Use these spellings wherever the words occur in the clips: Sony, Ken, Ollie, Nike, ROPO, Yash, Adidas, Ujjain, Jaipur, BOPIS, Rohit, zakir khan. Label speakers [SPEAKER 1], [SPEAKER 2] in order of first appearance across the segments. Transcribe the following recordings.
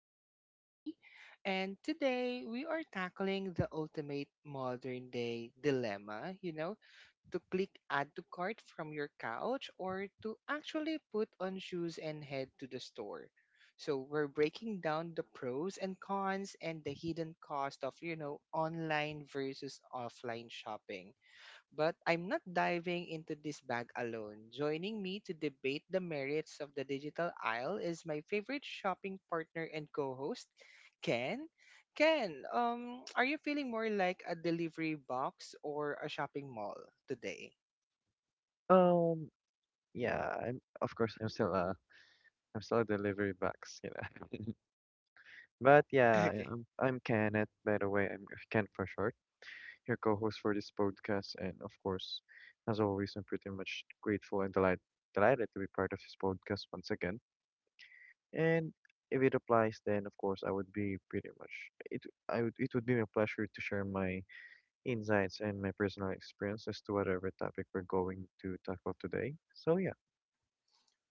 [SPEAKER 1] host, Ollie, and today we are tackling the ultimate modern day dilemma, to click add to cart from your couch or to actually put on shoes and head to the store. So we're breaking down the pros and cons and the hidden cost of, online versus offline shopping. But I'm not diving into this bag alone. Joining me to debate the merits of the digital aisle is my favorite shopping partner and co-host, Ken. Ken, are you feeling more like a delivery box or a shopping mall today?
[SPEAKER 2] Um, yeah, I'm of course I'm still a I'm still a delivery box. But yeah, I-
[SPEAKER 1] Okay.
[SPEAKER 2] I'm I'm Kenneth, by the way. I'm Ken for short, your co-host for this podcast, and of course, as always, I'm pretty much grateful and delighted to be part of this podcast once again. And if it applies, then of course I would be pretty much it. I would it would be my pleasure to share my insights and my personal experience as to whatever topic we're going to tackle today. So yeah.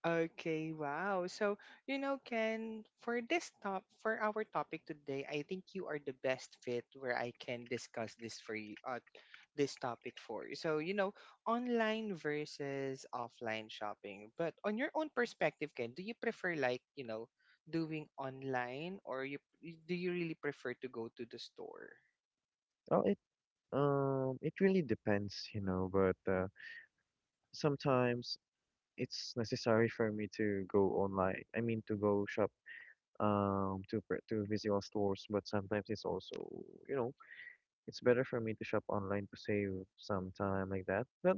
[SPEAKER 1] Okay, wow. So, you know, Ken, for our topic today, I think you are the best fit where I can discuss this for you, this topic for. So, you know, online versus offline shopping. But on your own perspective, Ken, do you prefer like, you know, doing online or you do you really prefer to go to the store?
[SPEAKER 2] I'll It really depends, you know, but sometimes it's necessary for me to go online. I mean, to go shop, to physical stores. But sometimes it's also, you know, it's better for me to shop online to save some time like that. But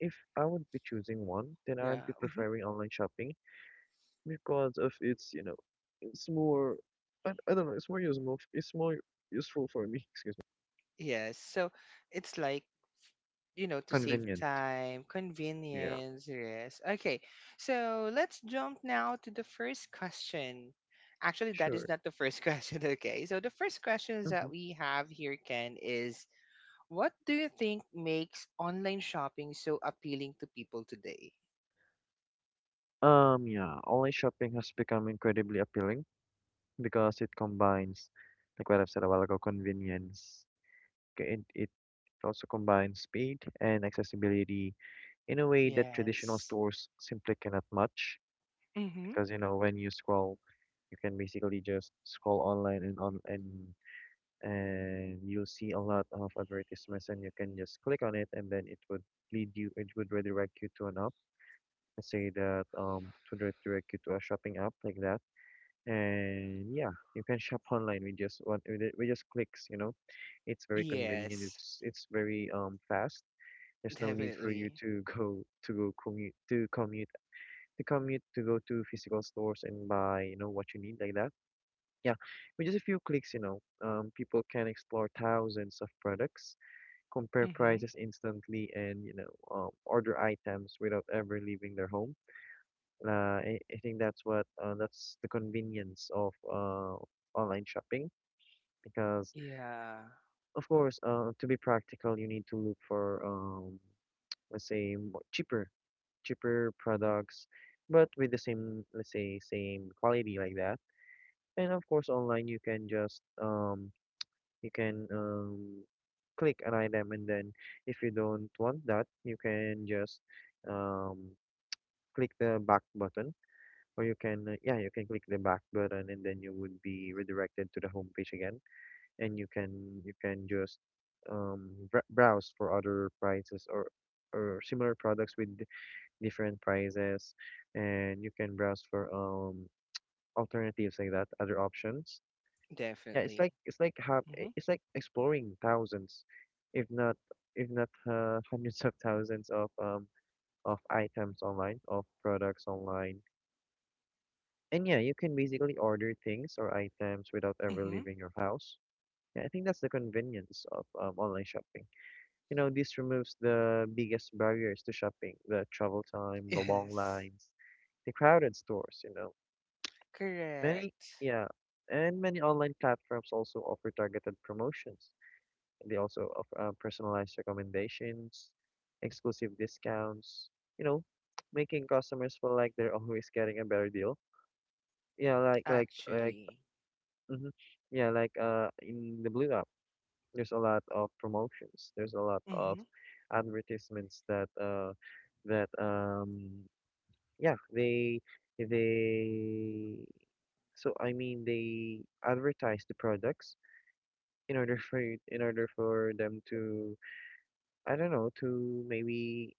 [SPEAKER 2] if I would be choosing one, then I'd
[SPEAKER 1] Yeah.
[SPEAKER 2] be
[SPEAKER 1] Mhm.
[SPEAKER 2] preferring online shopping because of its, you know, it's more, I don't know, it's more useful. It's more useful for me. Excuse me.
[SPEAKER 1] Yes. So, it's like, you know, to save
[SPEAKER 2] Convenient.
[SPEAKER 1] time,
[SPEAKER 2] Yeah.
[SPEAKER 1] convenience, yes. Okay. So, let's jump now to the first question. Actually, that is
[SPEAKER 2] Sure.
[SPEAKER 1] not the first question, okay? So, the first questions
[SPEAKER 2] Mhm.
[SPEAKER 1] that we have here, Ken, is what do you think makes online shopping so appealing to people today?
[SPEAKER 2] Yeah, online shopping has become incredibly appealing because it combines, like what I've said a while ago, convenience. It also combines speed and accessibility in a way that traditional
[SPEAKER 1] Yes.
[SPEAKER 2] stores simply cannot match.
[SPEAKER 1] Mm-hmm.
[SPEAKER 2] Because, you know, when you scroll, you can basically just scroll online and on and and you'll see a lot of advertisements and you can just click on it and then it would redirect you to an app. Let's say that it would redirect you to a shopping app like that, and yeah, you can shop online with just clicks, you know, it's very convenient,
[SPEAKER 1] Yes,
[SPEAKER 2] it's very fast. There's no need for you
[SPEAKER 1] definitely.
[SPEAKER 2] to go to go commute to commute to commute to go to physical stores and buy, you know, what you need like that. Yeah, with just a few clicks, you know, people can explore thousands of products, compare
[SPEAKER 1] Mm-hmm.
[SPEAKER 2] prices instantly, and you know, order items without ever leaving their home. I think that's what that's the convenience of online shopping because
[SPEAKER 1] Yeah,
[SPEAKER 2] of course to be practical you need to look for, let's say cheaper products but with the same, let's say, same quality like that. And of course online you can just, you can, click an item, and then if you don't want that you can just, um, click the back button, or you can you can click the back button and then you would be redirected to the home page again. And you can just, br browse for other prices, or similar products with different prices. And you can browse for, alternatives like that, other options. Yeah,
[SPEAKER 1] definitely.
[SPEAKER 2] it's like have
[SPEAKER 1] Mm-hmm.
[SPEAKER 2] it's like exploring thousands, if not if not hundreds of thousands of items online, of products online. And yeah, you can basically order things or items without ever
[SPEAKER 1] Mm-hmm.
[SPEAKER 2] leaving your house. Yeah, I think that's the convenience of online shopping. You know, this removes the biggest barriers to shopping: the travel time, the long
[SPEAKER 1] Yes,
[SPEAKER 2] lines, the crowded stores, you know. Many,
[SPEAKER 1] correct.
[SPEAKER 2] yeah, and many online platforms also offer targeted promotions. They also offer personalized recommendations, exclusive discounts, you know, making customers feel like they're always getting a better deal. Yeah, like like like
[SPEAKER 1] Actually.
[SPEAKER 2] hmm Yeah, like in the Blue App, there's a lot of promotions. There's a lot of
[SPEAKER 1] Mm-hmm.
[SPEAKER 2] advertisements that that yeah, they they. So I mean, they advertise the products in order in order for them to, I don't know, to maybe,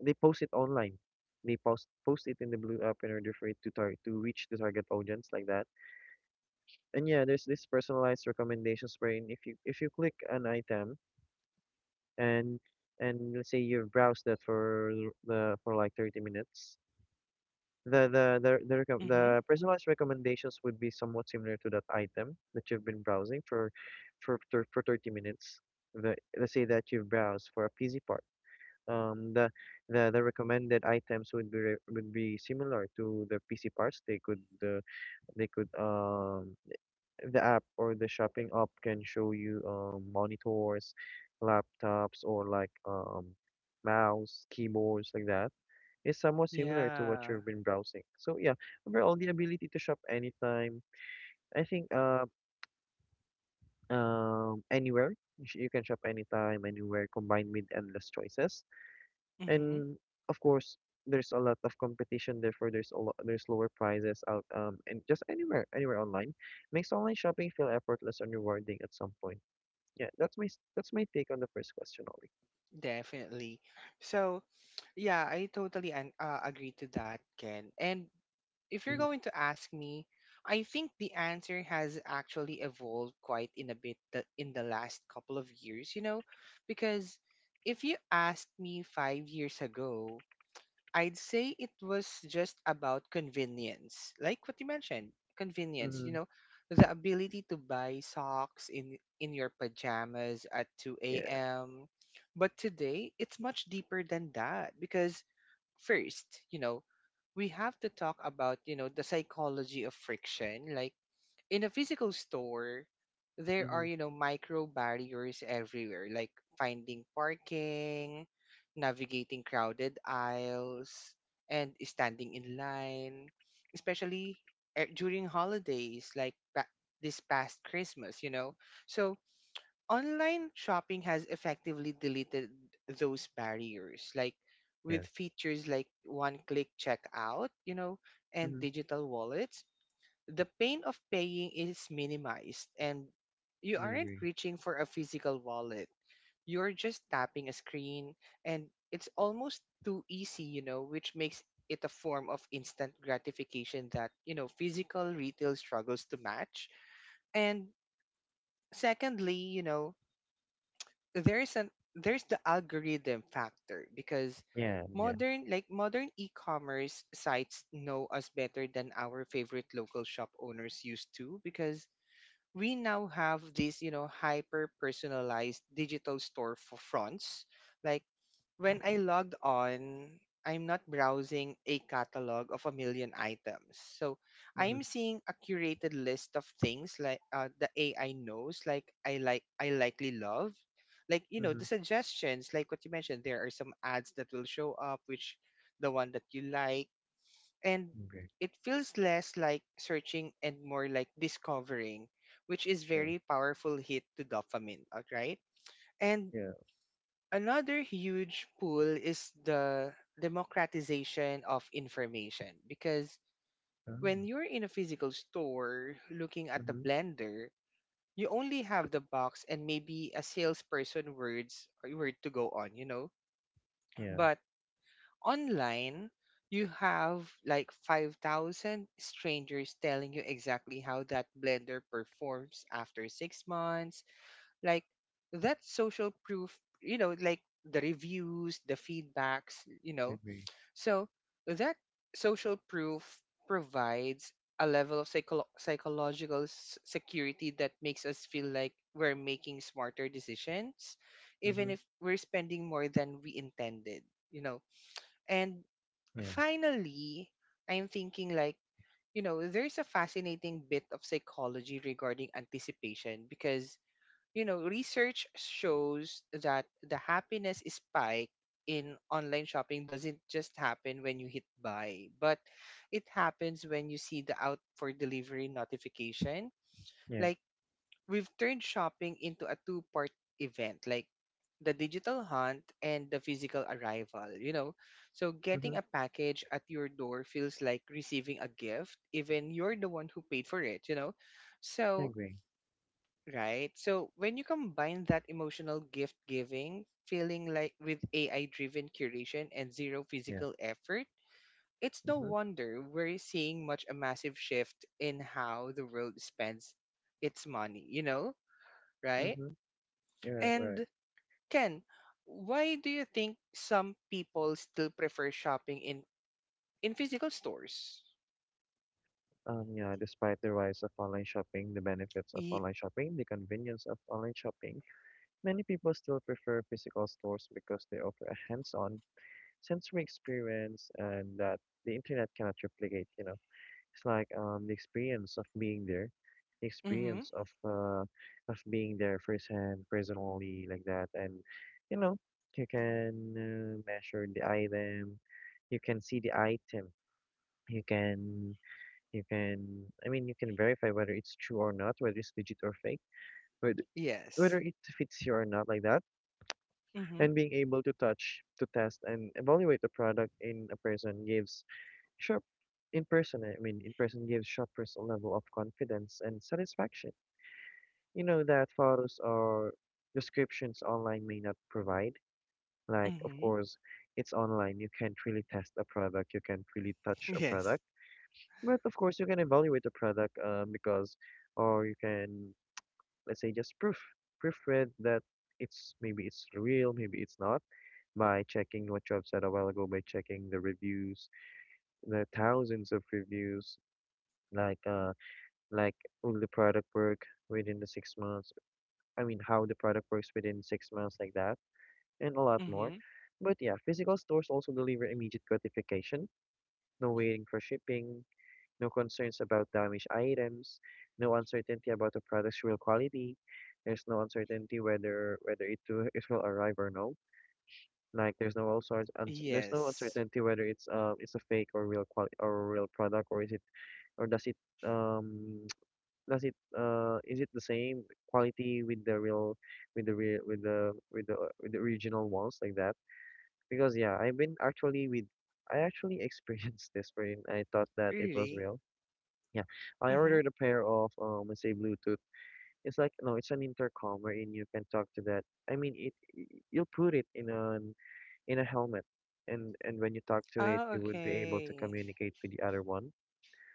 [SPEAKER 2] they post it online. They post it in the Blue App in order for it to tar to reach the target audience like that. And yeah, there's this personalized recommendations wherein if you click an item, and and let's say you browse that for like 30 minutes, the
[SPEAKER 1] Mm-hmm.
[SPEAKER 2] the personalized recommendations would be somewhat similar to that item that you've been browsing for 30 minutes. Let's say that you've browsed for a PC part. Um, the, the recommended items would would be similar to the PC parts. They could the app or the shopping app can show you, monitors, laptops, or like, mouse, keyboards, like that. It's somewhat similar to what
[SPEAKER 1] Yeah.
[SPEAKER 2] you've been browsing. So yeah, overall the ability to shop anytime. I think anywhere, you can shop anytime, anywhere, combined with endless choices.
[SPEAKER 1] Mm-hmm.
[SPEAKER 2] And of course, there's a lot of competition. Therefore, there's lower prices out and just anywhere, anywhere online makes online shopping feel effortless and rewarding at some point. Yeah, that's my take on the first question, Ollie.
[SPEAKER 1] Definitely. So, yeah, I totally agree to that, Ken. And if you're
[SPEAKER 2] Mm-hmm.
[SPEAKER 1] going to ask me, I think the answer has actually evolved quite in a bit in the last couple of years, you know, because if you asked me 5 years ago, I'd say it was just about convenience. Like what you mentioned, convenience, you
[SPEAKER 2] Mm-hmm.
[SPEAKER 1] know, the ability to buy socks in your pajamas at 2
[SPEAKER 2] Yeah.
[SPEAKER 1] a.m. But today, it's much deeper than that because first, you know, we have to talk about, you know, the psychology of friction. Like in a physical store, there
[SPEAKER 2] Mm-hmm.
[SPEAKER 1] are, you know, micro barriers everywhere, like finding parking, navigating crowded aisles, and standing in line, especially during holidays like this past Christmas, you know. So, online shopping has effectively deleted those barriers, like
[SPEAKER 2] Yeah.
[SPEAKER 1] with features like one click checkout, you know, and
[SPEAKER 2] Mm-hmm.
[SPEAKER 1] digital wallets, the pain of paying is minimized and you
[SPEAKER 2] I
[SPEAKER 1] aren't
[SPEAKER 2] agree.
[SPEAKER 1] reaching for a physical wallet. You're just tapping a screen and it's almost too easy, you know, which makes it a form of instant gratification that, you know, physical retail struggles to match. And secondly, you know, there's the algorithm factor because
[SPEAKER 2] Yeah, yeah.
[SPEAKER 1] modern e-commerce sites know us better than our favorite local shop owners used to, because we now have these, you know, hyper personalized digital store for fronts. Like when I logged on, I'm not browsing a catalog of a million items, so
[SPEAKER 2] Mm-hmm.
[SPEAKER 1] I'm seeing a curated list of things like, the AI knows like I likely love, like, you know,
[SPEAKER 2] Mm-hmm.
[SPEAKER 1] the suggestions. Like what you mentioned, there are some ads that will show up, which the one that you like. And
[SPEAKER 2] Agree.
[SPEAKER 1] it feels less like searching and more like discovering, which is
[SPEAKER 2] True.
[SPEAKER 1] very powerful hit to dopamine, all right? And
[SPEAKER 2] Yeah.
[SPEAKER 1] another huge pull is the democratization of information because
[SPEAKER 2] Oh.
[SPEAKER 1] when you're in a physical store looking at the
[SPEAKER 2] Mm-hmm.
[SPEAKER 1] blender, you only have the box and maybe a salesperson words word to go on, you know?
[SPEAKER 2] Yeah.
[SPEAKER 1] But online you have like 5,000 strangers telling you exactly how that blender performs after 6 months. Like that social proof, you know, like the reviews, the feedbacks, you know,
[SPEAKER 2] Agree.
[SPEAKER 1] so that social proof provides a level of psychological security that makes us feel like we're making smarter decisions, even
[SPEAKER 2] Mm-hmm.
[SPEAKER 1] if we're spending more than we intended, you know. And
[SPEAKER 2] Yeah.
[SPEAKER 1] finally, I'm thinking like, you know, there's a fascinating bit of psychology regarding anticipation because, you know, research shows that the happiness spike in online shopping doesn't just happen when you hit buy, but it happens when you see the out for delivery notification.
[SPEAKER 2] Yeah.
[SPEAKER 1] Like we've turned shopping into a two-part event, like the digital hunt and the physical arrival, you know. So
[SPEAKER 2] Mm-hmm.
[SPEAKER 1] getting a package at your door feels like receiving a gift, even you're the one who paid for it, you know. So
[SPEAKER 2] Agree.
[SPEAKER 1] right, so when you combine that emotional gift giving feeling, like with AI driven curation and zero
[SPEAKER 2] Yeah.
[SPEAKER 1] physical effort, it's no
[SPEAKER 2] Mm-hmm.
[SPEAKER 1] wonder we're seeing much a massive shift in how the world spends its money, you know. Right.
[SPEAKER 2] Mm-hmm. Right, right.
[SPEAKER 1] And Ken, why do you think some people still prefer shopping in physical stores?
[SPEAKER 2] Yeah, despite the rise of online shopping, the benefits of
[SPEAKER 1] Y-
[SPEAKER 2] online shopping, the convenience of online shopping, many people still prefer physical stores because they offer a hands-on sensory experience and that the internet cannot replicate, you know. It's like the experience of being there, the
[SPEAKER 1] mm-hmm.
[SPEAKER 2] experience of being there firsthand, personally like that. And you know, you can measure the item, you can see the item, you can you can I mean you can verify whether it's true or not, whether it's legit or fake, whether whether
[SPEAKER 1] Yes.
[SPEAKER 2] it fits you or not like that.
[SPEAKER 1] Mm-hmm.
[SPEAKER 2] And being able to touch, to test, and evaluate the product in a person gives — Sure. In person, I mean, in person gives shoppers a level of confidence and satisfaction. You know, that photos or descriptions online may not provide. Like, of
[SPEAKER 1] Mm-hmm.
[SPEAKER 2] course, it's online. You can't really test a product. You can't really touch a
[SPEAKER 1] Yes.
[SPEAKER 2] product. But of course, you can evaluate the product, because, or you can, let's say, just proofread that, it's maybe it's real, maybe it's not, by checking what you have said a while ago, by checking the reviews, the thousands of reviews, like uh like will the product work within the six months? I mean, how the product works within six months, like that, and a lot
[SPEAKER 1] Mm-hmm.
[SPEAKER 2] more. But yeah, physical stores also deliver immediate gratification, no waiting for shipping, no concerns about damaged items, no uncertainty about the product's real quality. There's no uncertainty whether it will arrive or no. Like there's no all sorts un there's no
[SPEAKER 1] Yes.
[SPEAKER 2] uncertainty whether it's a fake or real product, or is it, or does it, um is it the same quality with the real with the real with the with the with the original ones like that? Because yeah, I actually experienced this wherein I thought that it was
[SPEAKER 1] Really?
[SPEAKER 2] real. Yeah, I
[SPEAKER 1] Mm-hmm.
[SPEAKER 2] ordered a pair of let's say Bluetooth. It's like no, it's an intercom wherein you can talk to that. I mean, you'll put it in an in a helmet, and when you talk to it,
[SPEAKER 1] Ah,
[SPEAKER 2] you would be able to
[SPEAKER 1] okay.
[SPEAKER 2] communicate with the other one.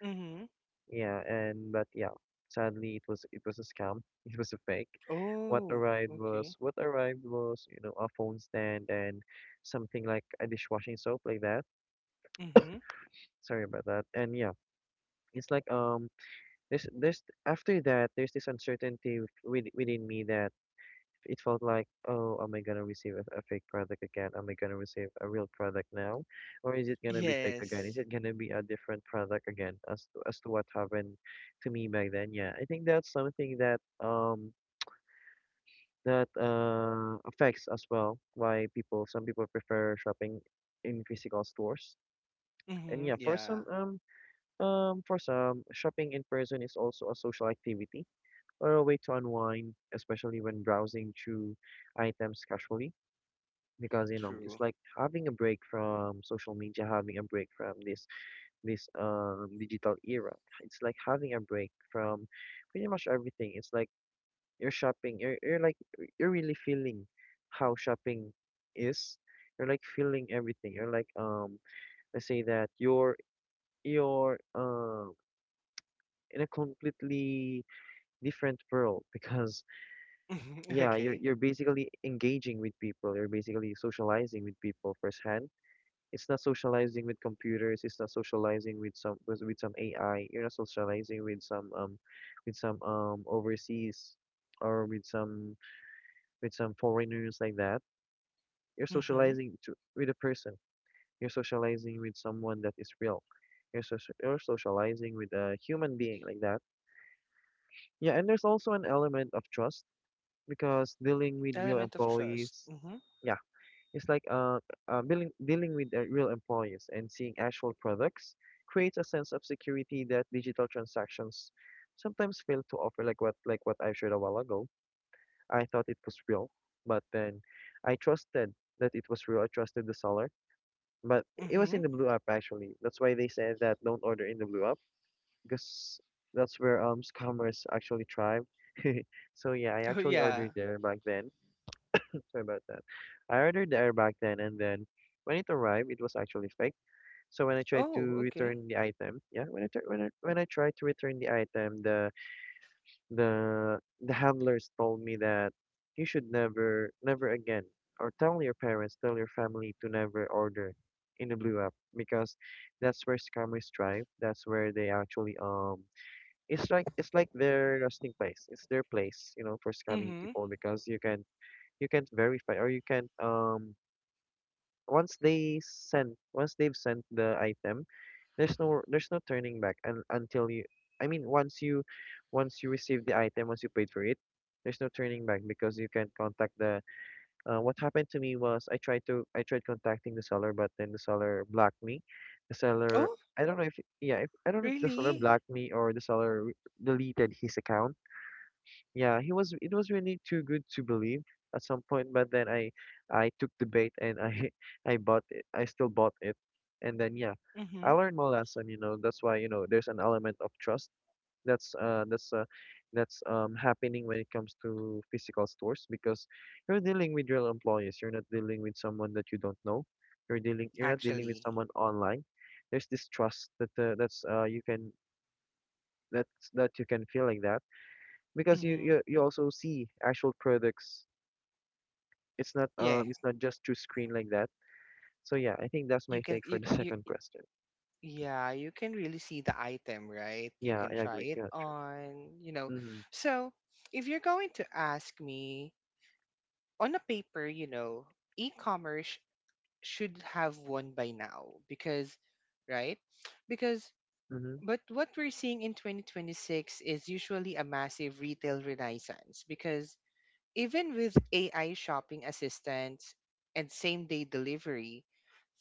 [SPEAKER 1] Mm-hmm.
[SPEAKER 2] Yeah, and but yeah, sadly it was a scam. It was a fake.
[SPEAKER 1] Oh, okay.
[SPEAKER 2] What arrived was, you know, a phone stand and something like a dishwashing soap like that.
[SPEAKER 1] Mm-hmm.
[SPEAKER 2] Sorry about that. And yeah, it's like there's after that there's this uncertainty with, within me, that it felt like, oh, am I gonna receive a fake product again? Am I gonna receive a real product now? Or is it gonna be fake again? Is
[SPEAKER 1] Yes.
[SPEAKER 2] it gonna be a different product again as to what happened to me back then? Yeah, I think that's something that affects as well why people, some people prefer shopping in physical stores. And yeah,
[SPEAKER 1] Mm-hmm.
[SPEAKER 2] for
[SPEAKER 1] Yeah.
[SPEAKER 2] some for some, shopping in person is also a social activity or a way to unwind, especially when browsing through items casually. Because you know, it's
[SPEAKER 1] True.
[SPEAKER 2] like having a break from social media, having a break from this digital era. It's like having a break from pretty much everything. It's like you're shopping, you're like you're really feeling how shopping is. You're like feeling everything. You're like, let's say that you're in a completely different world because
[SPEAKER 1] Mm-hmm.
[SPEAKER 2] yeah,
[SPEAKER 1] Okay.
[SPEAKER 2] you're basically engaging with people, you're basically socializing with people firsthand. It's not socializing with computers. It's not socializing with some AI. You're not socializing with some overseas or with some foreigners like that. You're
[SPEAKER 1] Mm-hmm.
[SPEAKER 2] socializing to, with a person. You're socializing with someone that is real. You're socializing with a human being like that. Yeah, and there's also an element of trust because dealing with real
[SPEAKER 1] Element of trust.
[SPEAKER 2] employees.
[SPEAKER 1] Mm-hmm.
[SPEAKER 2] It's like dealing with real employees and seeing actual products creates a sense of security that digital transactions sometimes fail to offer. Like what I shared a while ago, I thought it was real, but then I trusted that it was real. I trusted the seller, but it was
[SPEAKER 1] Mm-hmm.
[SPEAKER 2] in the blue app actually. That's why they said that don't order in the blue app because that's where scammers actually thrive. So yeah, I
[SPEAKER 1] Oh
[SPEAKER 2] actually
[SPEAKER 1] yeah.
[SPEAKER 2] ordered there back then. Sorry about that. I ordered the air back then, and then when it arrived, it was actually fake. So when I tried to
[SPEAKER 1] Oh, okay.
[SPEAKER 2] return the item, yeah, when I tr- when I tried to return the item, the handlers told me that you should never, never again, or tell your parents, tell your family to never order in the Blue app because that's where scammers thrive. That's where they actually it's like their resting place. It's their place, for scamming
[SPEAKER 1] Mm-hmm.
[SPEAKER 2] people because you can you can't verify or you can't once they've sent the item, there's no turning back. And until you, once you, once you receive the item, once you paid for it, there's no turning back because you can contact the, what happened to me was I tried contacting the seller, but then the seller blocked me. The seller, I don't know if, yeah if, I don't know if the seller
[SPEAKER 1] Really?
[SPEAKER 2] blocked me or the seller re- deleted his account. Yeah, he was it was really too good to believe at some point, but then I took the bait and I I bought it. I still bought it. And then yeah, I
[SPEAKER 1] Mm-hmm.
[SPEAKER 2] learned my lesson, you know. That's why, you know, there's an element of trust that's uh that's uh that's happening when it comes to physical stores because you're dealing with real employees. You're not dealing with someone that you don't know. You're not dealing with
[SPEAKER 1] Actually.
[SPEAKER 2] someone online. There's this trust that that's you can, that's that you can feel like that because
[SPEAKER 1] Mm-hmm.
[SPEAKER 2] you also see actual products.
[SPEAKER 1] Yeah.
[SPEAKER 2] It's not just through screen like that. So yeah, I think that's
[SPEAKER 1] You
[SPEAKER 2] my
[SPEAKER 1] can
[SPEAKER 2] take for
[SPEAKER 1] you,
[SPEAKER 2] the
[SPEAKER 1] c-
[SPEAKER 2] second
[SPEAKER 1] you
[SPEAKER 2] question.
[SPEAKER 1] yeah, you can really see the item, right? You
[SPEAKER 2] Yeah,
[SPEAKER 1] can
[SPEAKER 2] I
[SPEAKER 1] try
[SPEAKER 2] agree.
[SPEAKER 1] it
[SPEAKER 2] Yeah, true.
[SPEAKER 1] on, you know.
[SPEAKER 2] Mhm.
[SPEAKER 1] So, if you're going to ask me, on a paper, you know, e-commerce should have one by now, because right? Because
[SPEAKER 2] Mhm.
[SPEAKER 1] but what we're seeing in 2026 is usually a massive retail renaissance, because even with AI shopping assistants and same day delivery,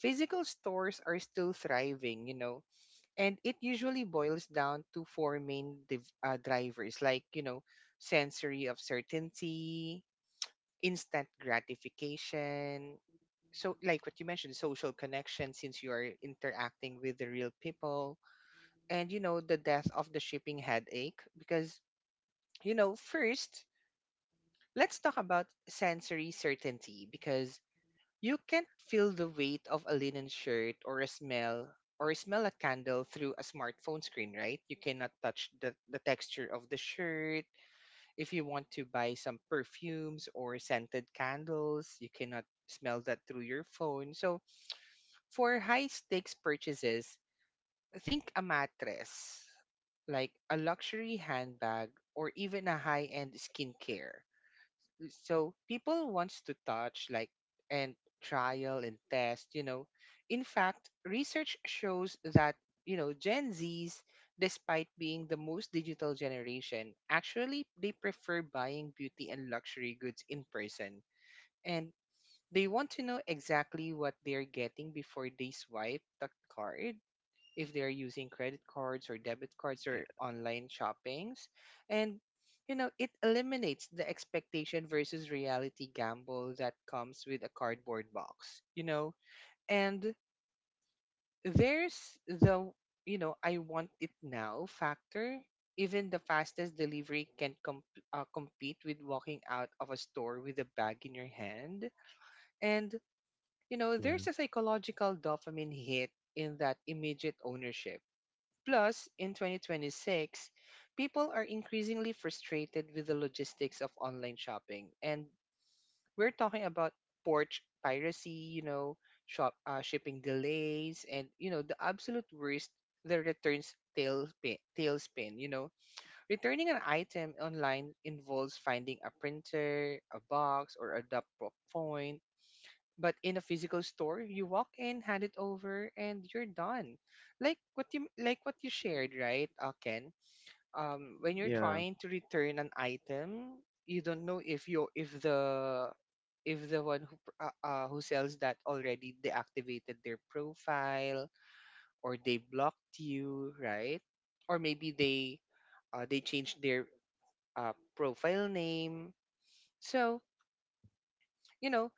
[SPEAKER 1] physical stores are still thriving, you know, and it usually boils down to four main drivers like, you know, sensory of certainty, instant gratification. So, like what you mentioned, social connection since you are interacting with the real people, and, you know, the death of the shipping headache. Because, you know, first, let's talk about sensory certainty, because you can't feel the weight of a linen shirt or smell a candle through a smartphone screen, right? You cannot touch the texture of the shirt. If you want to buy some perfumes or scented candles, you cannot smell that through your phone. So for high stakes purchases, think a mattress, like a luxury handbag or even a high-end skincare. So people wants to touch, like, and trial and test, you know. In fact, research shows that, you know, gen z's, despite being the most digital generation, actually they prefer buying beauty and luxury goods in person, and they want to know exactly what they're getting before they swipe the card, if they're using credit cards or debit cards
[SPEAKER 2] Yeah.
[SPEAKER 1] or online shoppings. And, you know, it eliminates the expectation versus reality gamble that comes with a cardboard box, you know. And there's the, you know, I want it now factor. Even the fastest delivery can compete with walking out of a store with a bag in your hand. And, you know,
[SPEAKER 2] Yeah.
[SPEAKER 1] there's a psychological dopamine hit in that immediate ownership. Plus, in 2026, people are increasingly frustrated with the logistics of online shopping. And we're talking about port piracy, you know, shop shipping delays, and, you know, the absolute worst, the returns tailspin, you know. Returning an item online involves finding a printer, a box, or a drop point, but in a physical store, you walk in, hand it over, and you're done. Like what you shared, right, Ken? When you're
[SPEAKER 2] Yeah.
[SPEAKER 1] trying to return an item, you don't know if the one who who sells that already deactivated their profile or they blocked you, right? Or maybe they changed their profile name. So, you know,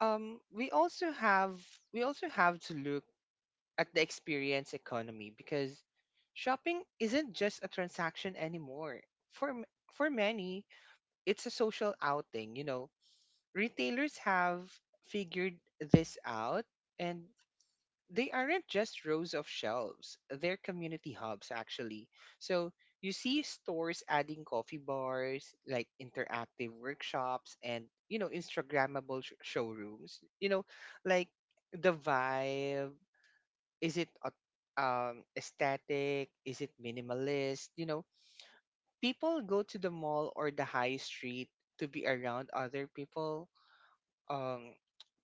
[SPEAKER 1] um, we also have we also have to look at the experience economy because shopping isn't just a transaction anymore. For m- for many, it's a social outing, you know. Retailers have figured this out, and they aren't just rows of shelves. They're community hubs, actually. So you see stores adding coffee bars, like interactive workshops, and, you know, Instagrammable showrooms. You know, like the vibe, is it aesthetic? Is it minimalist? You know, people go to the mall or the high street to be around other people, um,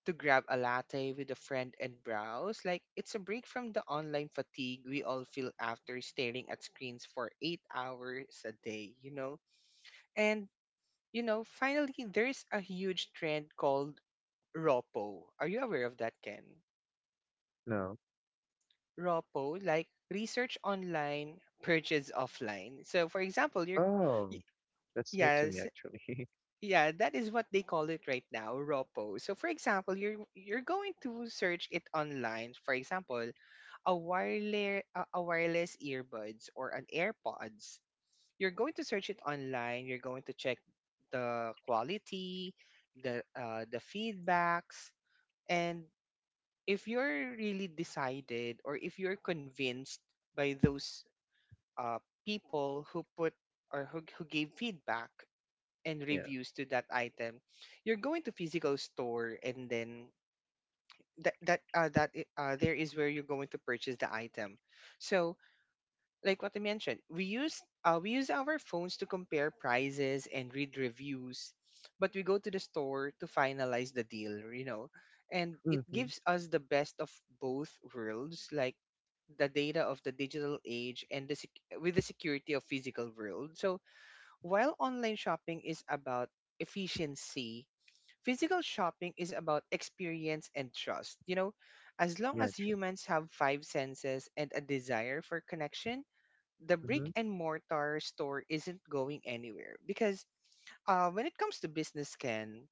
[SPEAKER 1] to grab a latte with a friend and browse. Like, it's a break from the online fatigue we all feel after staring at screens for 8 hours a day, you know? And, you know, finally, there's a huge trend called ROPO. Are you aware of that, Ken?
[SPEAKER 2] No.
[SPEAKER 1] ROPO, like research online, purchase offline. So, for example, y-
[SPEAKER 2] Oh, that's new to me
[SPEAKER 1] yes,
[SPEAKER 2] actually.
[SPEAKER 1] yeah, that is what they call it right now, ROPO. So, for example, you're going to search it online. For example, a a wireless earbuds or an AirPods. You're going to search it online. You're going to check the quality, the feedbacks, and if you're really decided or if you're convinced by those uh, people who put or who gave feedback and
[SPEAKER 2] Yeah.
[SPEAKER 1] reviews to that item. You're going to physical store, and then there is where you're going to purchase the item. So like what I mentioned, we use our phones to compare prices and read reviews, but we go to the store to finalize the deal, and it
[SPEAKER 2] Mhm.
[SPEAKER 1] gives us the best of both worlds, like the data of the digital age with the security of physical world. So while online shopping is about efficiency, physical shopping is about experience and trust. As long
[SPEAKER 2] Yeah,
[SPEAKER 1] as
[SPEAKER 2] true.
[SPEAKER 1] humans have five senses and a desire for connection, the brick
[SPEAKER 2] Mhm.
[SPEAKER 1] and mortar store isn't going anywhere. Because when it comes to business, Ken,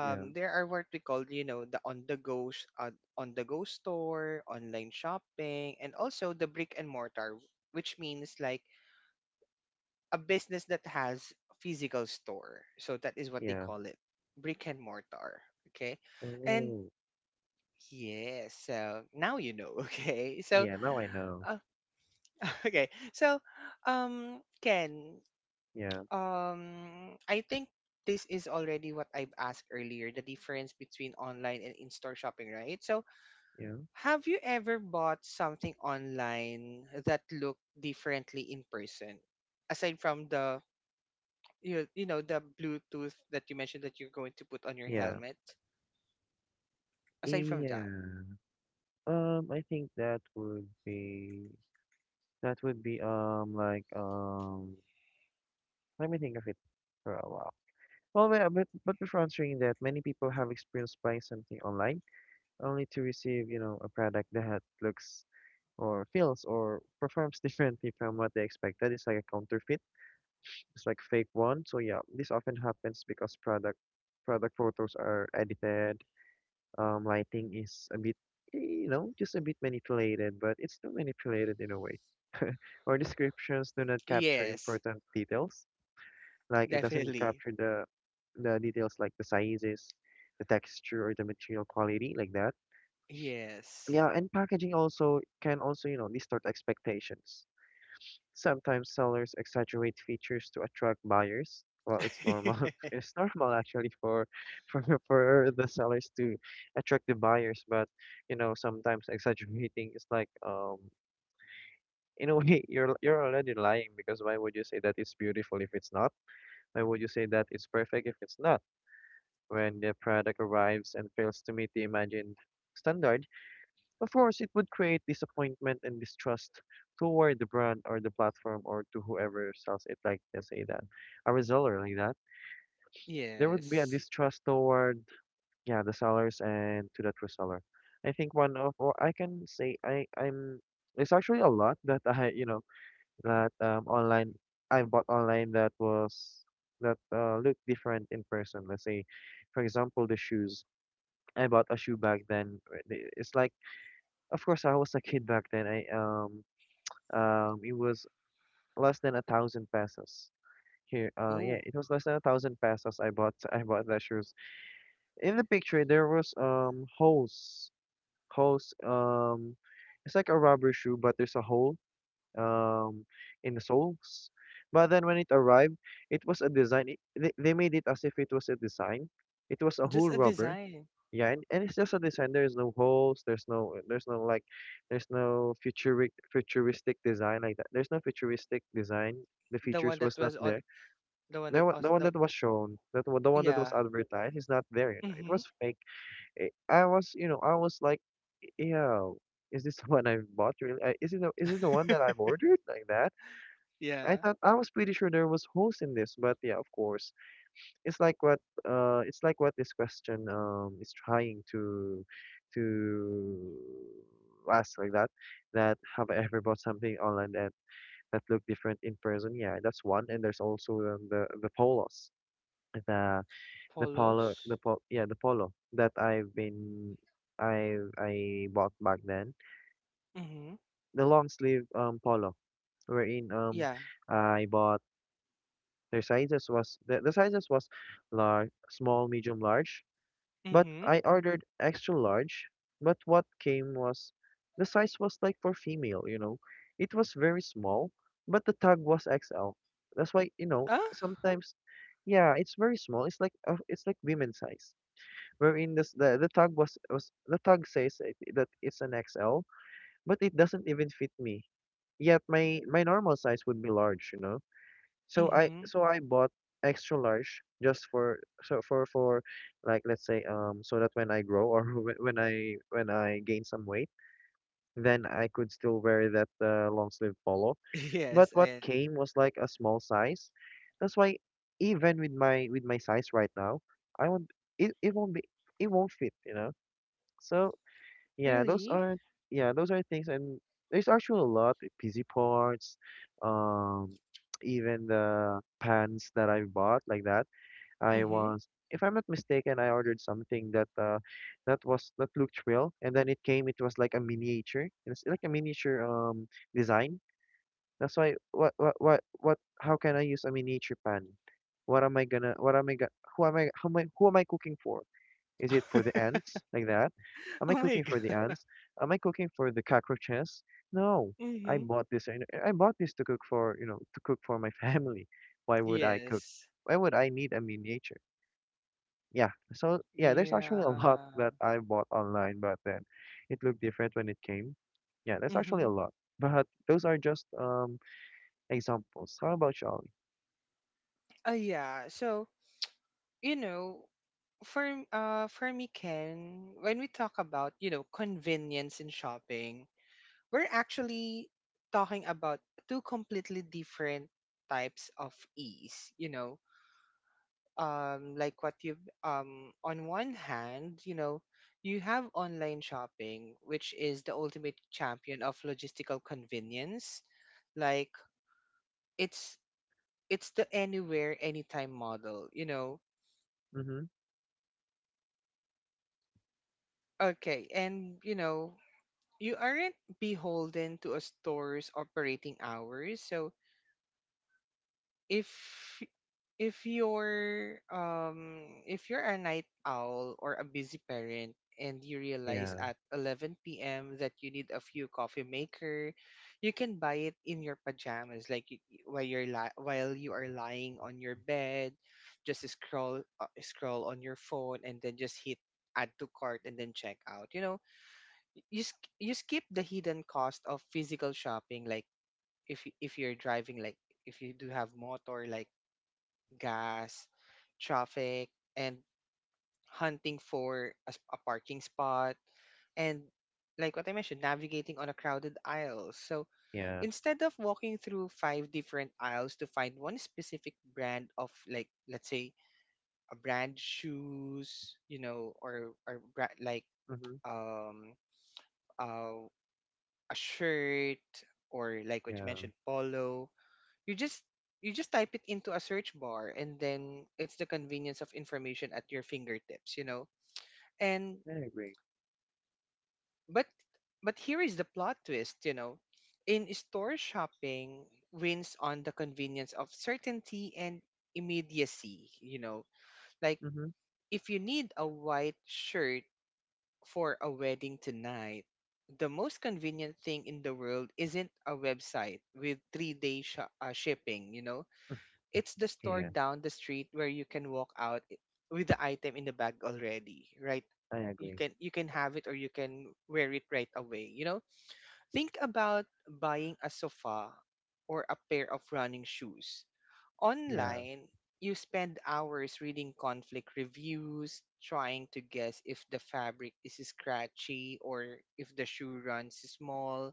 [SPEAKER 2] Yeah.
[SPEAKER 1] there are what we call, you know, the on the go store online shopping, and also the brick and mortar, which means like a business that has physical store. So that is what they
[SPEAKER 2] Yeah.
[SPEAKER 1] call it: brick and mortar. Okay. And
[SPEAKER 2] Oh.
[SPEAKER 1] yes, so now you know. Okay, so
[SPEAKER 2] Yeah, now I know.
[SPEAKER 1] uh, okay, so Ken,
[SPEAKER 2] Yeah.
[SPEAKER 1] I think this is already what I've asked earlier, the difference between online and in-store shopping, right? So,
[SPEAKER 2] Yeah.
[SPEAKER 1] have you ever bought something online that looked differently in person? Aside from the you know, the Bluetooth that you mentioned that you're going to put on your
[SPEAKER 2] Yeah.
[SPEAKER 1] helmet. Aside from that,
[SPEAKER 2] Yeah. I think that would be, that would be um like um let me think of it for a while. Well, wait, but before answering that, many people have experienced buying something online only to receive, you know, a product that looks or feels or performs differently from what they expected. It's like a counterfeit. It's like fake one. So yeah, this often happens because product photos are edited. Lighting is a bit, you know, just a bit manipulated, but it's still manipulated in a way. Or descriptions do not capture
[SPEAKER 1] yes,
[SPEAKER 2] important details. Like it doesn't
[SPEAKER 1] definitely,
[SPEAKER 2] capture the details like the sizes, the texture, or the material quality like that.
[SPEAKER 1] yes,
[SPEAKER 2] Yeah, and packaging also can also, you know, distort expectations. Sometimes sellers exaggerate features to attract buyers. Well, it's normal. It's normal actually for for for the sellers to attract the buyers, but you know, sometimes exaggerating is like in a way, you're already lying because why would you say that it's beautiful if it's not? Why would you say that it's perfect if it's not? When the product arrives and fails to meet the imagined standard, of course, it would create disappointment and distrust toward the brand or the platform or to whoever sells it, like let's say that a reseller like that. There would be a
[SPEAKER 1] yes.
[SPEAKER 2] distrust toward yeah the sellers and to that reseller. I think one of, or I can say I I'm it's actually a lot that I, you know, that online, I bought online that was, that looked different in person. Let's say, for example, the shoes. I bought a shoe back then. Right, the- It's like, of course, I was a kid back then. I It was less than a thousand pesos here. Yeah,
[SPEAKER 1] Ooh,
[SPEAKER 2] it was less than a thousand pesos. I bought I bought the shoes. In the picture, there was holes holes it's like a rubber shoe, but there's a hole um in the soles. But then when it arrived, it was a design. They made it as if it was a design. It was a whole
[SPEAKER 1] just a
[SPEAKER 2] rubber.
[SPEAKER 1] design.
[SPEAKER 2] Yeah, and it's just a design. There's no holes. There's no eh, there's no futuristic futuristic design like that. There's no futuristic design. The
[SPEAKER 1] The
[SPEAKER 2] features
[SPEAKER 1] one
[SPEAKER 2] was
[SPEAKER 1] that
[SPEAKER 2] not
[SPEAKER 1] was on
[SPEAKER 2] there.
[SPEAKER 1] the one that was
[SPEAKER 2] The one
[SPEAKER 1] the
[SPEAKER 2] that was shown, the one that was
[SPEAKER 1] yeah.
[SPEAKER 2] advertised is not there, you know. It
[SPEAKER 1] Mm-hmm.
[SPEAKER 2] was fake. I was, you know, I was like, yo, is this the one I bought really? Is it the one that I've ordered like that? I
[SPEAKER 1] Yeah.
[SPEAKER 2] thought I was pretty sure there was holes in this, but yeah, of course, it's like what, it's like what this question is trying to ask like that, that have I ever bought something online that, that looked different in person? Yeah, that's one. And there's also the polos, the the polo,
[SPEAKER 1] Follows.
[SPEAKER 2] the pol yeah, the polo that I bought back then.
[SPEAKER 1] Mm-hmm.
[SPEAKER 2] The long sleeve polo wherein
[SPEAKER 1] Yeah.
[SPEAKER 2] I bought, their sizes was, the sizes was large, small, medium, large. But
[SPEAKER 1] Mm-hmm.
[SPEAKER 2] I ordered extra large, but what came was the size was like for female, you know. It was very small, but the tag was XL. That's why, you know,
[SPEAKER 1] Ah.
[SPEAKER 2] sometimes yeah, it's very small. It's like women's size. Wherein this the tag was the tag says it, that it's an XL, but it doesn't even fit me. Yet my my normal size would be large, you know.
[SPEAKER 1] Mm-hmm.
[SPEAKER 2] So I bought extra large just for, like let's say so that when I grow, or when I gain some weight, then I could still wear that long sleeve polo. But
[SPEAKER 1] Yes.
[SPEAKER 2] what
[SPEAKER 1] I
[SPEAKER 2] came was like a small size. That's why even with my size right now, I won't it won't be, it won't fit, you know. So yeah, those
[SPEAKER 1] really.
[SPEAKER 2] are, yeah, those are things. And there's actually a lot like busy parts, um even the pants that I bought like that. I
[SPEAKER 1] Mm-hmm.
[SPEAKER 2] was, if I'm not mistaken, I ordered something that that was that looked real, and then it came it was like a miniature. It's like a miniature design. That's why what, how can I use a miniature pan? What am I gonna, what am I go- who am I cooking for? Is it for the ants? Like that? Am I
[SPEAKER 1] Oh my
[SPEAKER 2] cooking
[SPEAKER 1] god.
[SPEAKER 2] for the ants? Am I cooking for the cockroaches? No. I
[SPEAKER 1] Mm-hmm.
[SPEAKER 2] bought this. I I bought this to cook for, you know, to cook for my family. Why would I cook?
[SPEAKER 1] Yes.
[SPEAKER 2] Why would I need a miniature? Yeah. So yeah, there's actually a lot
[SPEAKER 1] Yeah.
[SPEAKER 2] that I bought online, but then it looked different when it came. Yeah, there's actually
[SPEAKER 1] Mm-hmm.
[SPEAKER 2] a lot. But those are just examples. How about you, Ollie?
[SPEAKER 1] Yeah. So you know, for me, Ken, when we talk about, you know, convenience in shopping, we're actually talking about two completely different types of ease. You know, like what you've on one hand, you know, you have online shopping, which is the ultimate champion of logistical convenience. Like it's the anywhere anytime model, you know.
[SPEAKER 2] Mm-hmm.
[SPEAKER 1] Okay, and you know, you aren't beholden to a store's operating hours. So if you're if you're a night owl or a busy parent and you realize
[SPEAKER 2] Yeah.
[SPEAKER 1] at 11 p.m. that you need a few coffee maker, you can buy it in your pajamas, like while while you are lying on your bed, just scroll on your phone and then just hit add to cart and then check out. You know, you skip the hidden cost of physical shopping, like if you're driving, like if you do have motor, like gas, traffic, and hunting for a, a parking spot. And like what I mentioned, navigating on a crowded aisle. So
[SPEAKER 2] Yeah.
[SPEAKER 1] instead of walking through five different aisles to find one specific brand of, like, let's say a brand shoes, you know, or like
[SPEAKER 2] Mm-hmm.
[SPEAKER 1] um uh, a shirt, or like what you
[SPEAKER 2] Yeah.
[SPEAKER 1] mentioned, polo, you just type it into a search bar, and then it's the convenience of information at your fingertips, you know. And
[SPEAKER 2] I agree.
[SPEAKER 1] but here is the plot twist, you know. In store shopping wins on the convenience of certainty and immediacy, you know. Like
[SPEAKER 2] Mm-hmm.
[SPEAKER 1] if you need a white shirt for a wedding tonight, the most convenient thing in the world isn't a website with shipping, you know. It's the store
[SPEAKER 2] Yeah.
[SPEAKER 1] down the street where you can walk out with the item in the bag already, right?
[SPEAKER 2] I
[SPEAKER 1] You
[SPEAKER 2] agree.
[SPEAKER 1] can have it or you can wear it right away, you know. Think about buying a sofa or a pair of running shoes
[SPEAKER 2] Yeah.
[SPEAKER 1] online. You spend hours reading conflict reviews trying to guess if the fabric is scratchy or if the shoe runs small.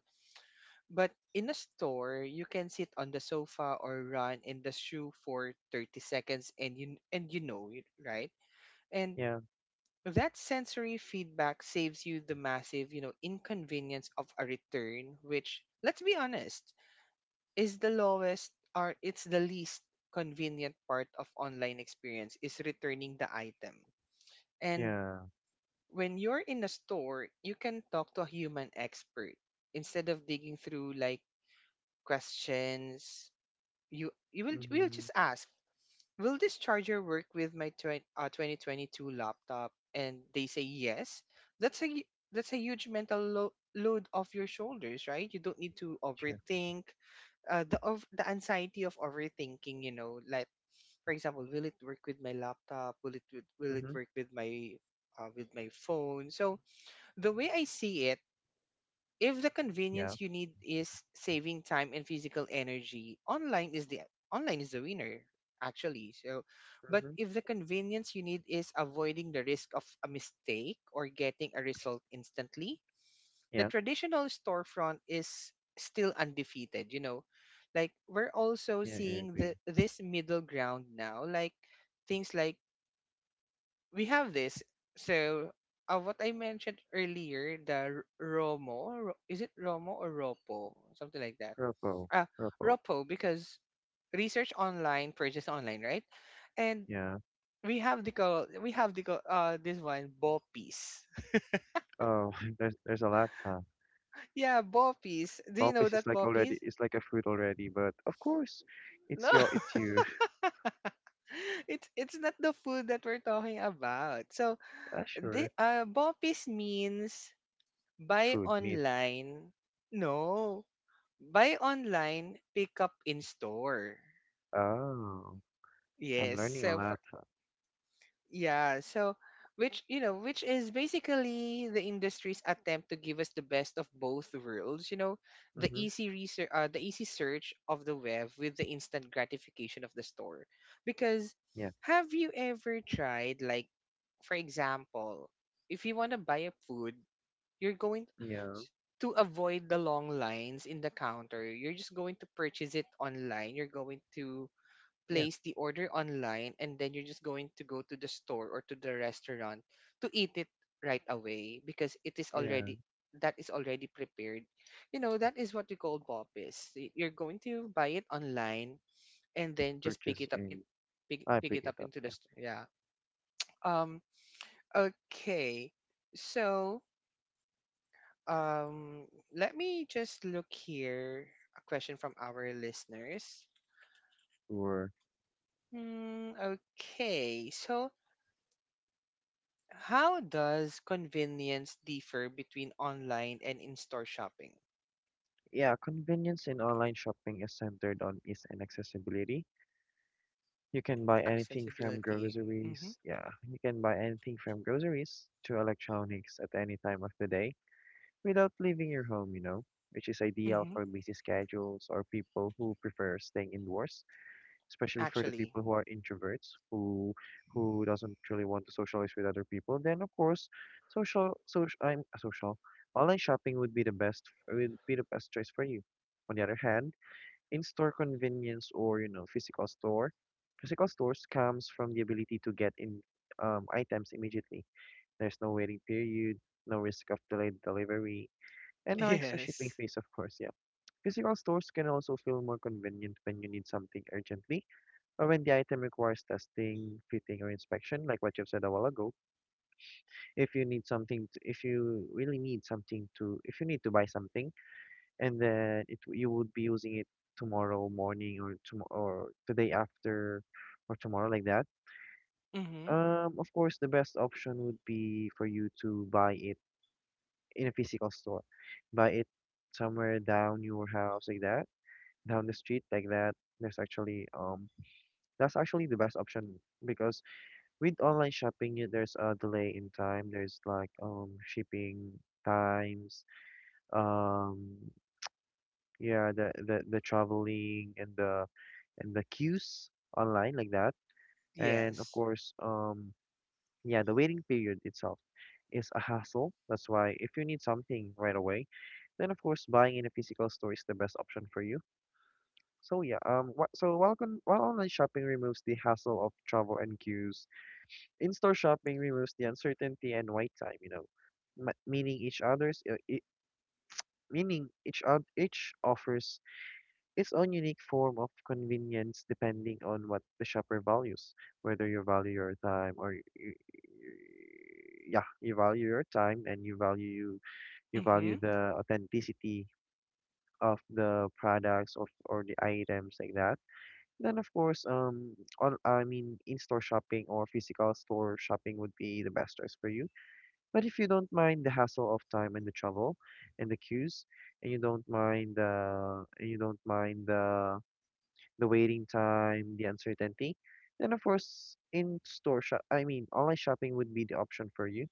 [SPEAKER 1] But in a store, you can sit on the sofa or run in the shoe for 30 seconds, and you know it, right? And
[SPEAKER 2] Yeah.
[SPEAKER 1] that sensory feedback saves you the massive, you know, inconvenience of a return, which, let's be honest, is the lowest, or it's the least convenient part of online experience, is returning the item. And
[SPEAKER 2] Yeah.
[SPEAKER 1] when you're in a store, you can talk to a human expert instead of digging through, like, questions. You will We'll
[SPEAKER 2] Mm-hmm.
[SPEAKER 1] just ask, will this charger work with my 2022 laptop, and they say yes. That's that's a huge load off your shoulders, right? You don't need to
[SPEAKER 2] True.
[SPEAKER 1] overthink the anxiety of overthinking, you know. Like, for example, will it work with my laptop, will it will it
[SPEAKER 2] Mm-hmm.
[SPEAKER 1] work with my phone. So the way I see it, if the
[SPEAKER 2] Yeah.
[SPEAKER 1] convenience you need is saving time and physical energy, online is the winner, actually. So, but
[SPEAKER 2] Mm-hmm.
[SPEAKER 1] if the convenience you need is avoiding the risk of a mistake or getting a result instantly, the
[SPEAKER 2] Yeah.
[SPEAKER 1] traditional storefront is still undefeated, you know. Like, we're also
[SPEAKER 2] Yeah, I
[SPEAKER 1] seeing the
[SPEAKER 2] agree.
[SPEAKER 1] this middle ground now, like things like we have this. So, what I mentioned earlier, the Romo, Ro-, is it Romo or Ropo? Something like that.
[SPEAKER 2] Purple.
[SPEAKER 1] Uh,
[SPEAKER 2] Purple.
[SPEAKER 1] Ropo, because research online, purchase online, right? And
[SPEAKER 2] Yeah.
[SPEAKER 1] we have the call, this one, Bopis.
[SPEAKER 2] Oh, there's a lot, huh?
[SPEAKER 1] Yeah, Bopis. Do you know
[SPEAKER 2] Pulpis is
[SPEAKER 1] that
[SPEAKER 2] like already,
[SPEAKER 1] Bopis?
[SPEAKER 2] it's like a fruit already, but of course
[SPEAKER 1] No,
[SPEAKER 2] it's your it's you.
[SPEAKER 1] it's not the food that we're talking about. So
[SPEAKER 2] Ah,
[SPEAKER 1] the
[SPEAKER 2] sure.
[SPEAKER 1] Bopis means buy
[SPEAKER 2] Food, meat.
[SPEAKER 1] online. No, buy online, pick up in store.
[SPEAKER 2] Oh. I'm
[SPEAKER 1] Yes.
[SPEAKER 2] learning a
[SPEAKER 1] So for,
[SPEAKER 2] lot.
[SPEAKER 1] yeah, so which, you know, which is basically the industry's attempt to give us the best of both worlds, you know,
[SPEAKER 2] Mm-hmm.
[SPEAKER 1] the easy search of the web with the instant gratification of the store. Because
[SPEAKER 2] Yeah.
[SPEAKER 1] have you ever tried, like, for example, if you want to buy a food, you're going
[SPEAKER 2] Yeah.
[SPEAKER 1] to avoid the long lines in the counter. You're just going to purchase it online. You're going to
[SPEAKER 2] Yeah.
[SPEAKER 1] place the order online, and then you're just going to go to the store or to the restaurant to eat it right away because it is
[SPEAKER 2] Yeah.
[SPEAKER 1] already prepared. You know, that is what we call BOPIS. You're going to buy it online and then just
[SPEAKER 2] Purchase in. I
[SPEAKER 1] pick
[SPEAKER 2] pick
[SPEAKER 1] it
[SPEAKER 2] it
[SPEAKER 1] up
[SPEAKER 2] up,
[SPEAKER 1] into
[SPEAKER 2] yeah.
[SPEAKER 1] the store. Yeah. Um okay. So Um, let me just look here. A question from our listeners.
[SPEAKER 2] Or
[SPEAKER 1] Hmm, okay, so how does convenience differ between online and in-store shopping?
[SPEAKER 2] yeah, convenience in online shopping is centered on ease and accessibility. You can buy anything from
[SPEAKER 1] Accessibility. Mm-hmm.
[SPEAKER 2] groceries. Yeah, you can buy anything from groceries to electronics at any time of the day without leaving your home, you know, which is ideal
[SPEAKER 1] Mm-hmm.
[SPEAKER 2] for busy schedules or people who prefer staying indoors, especially for the
[SPEAKER 1] Actually,
[SPEAKER 2] people who are introverts, who doesn't really want to socialize with other people. Then of course, social social I'm social online shopping would be the best, would be the best choice for you. On the other hand, in-store convenience or, you know, physical stores comes from the ability to get in items immediately. There's no waiting period, no risk of delayed delivery, and no extra shipping
[SPEAKER 1] yes.
[SPEAKER 2] fees, of course. Yeah, physical stores can also feel more convenient when you need something urgently, or when the item requires testing, fitting, or inspection, like what you've said a while ago. If you need something to, if you really need something to If you need to buy something, and then it, you would be using it tomorrow morning or tomorrow or the day after or tomorrow, like that.
[SPEAKER 1] Mm-hmm.
[SPEAKER 2] Of course, the best option would be for you to buy it in a physical store, buy it somewhere down your house like that, down the street like that. There's actually That's actually the best option, because with online shopping, there's a delay in time. There's like shipping times. Um, yeah, the traveling and the queues online like that. And of
[SPEAKER 1] Yes.
[SPEAKER 2] course, yeah, the waiting period itself is a hassle. That's why if you need something right away, then of course buying in a physical store is the best option for you. So yeah, while online shopping removes the hassle of travel and queues, in-store shopping removes the uncertainty and wait time, you know. m- meaning each others uh, i Meaning each offers its own unique form of convenience depending on what the shopper values, whether you value your time, or yeah, you value your time and you
[SPEAKER 1] Mm-hmm.
[SPEAKER 2] value the authenticity of the products, of or the items, like that. Then of course, in-store shopping or physical store shopping would be the best choice for you. But if you don't mind the hassle of time and the travel and the queues, and you don't mind the waiting time, the uncertainty. And of course, in store shop, I mean, online shopping would be the option for you.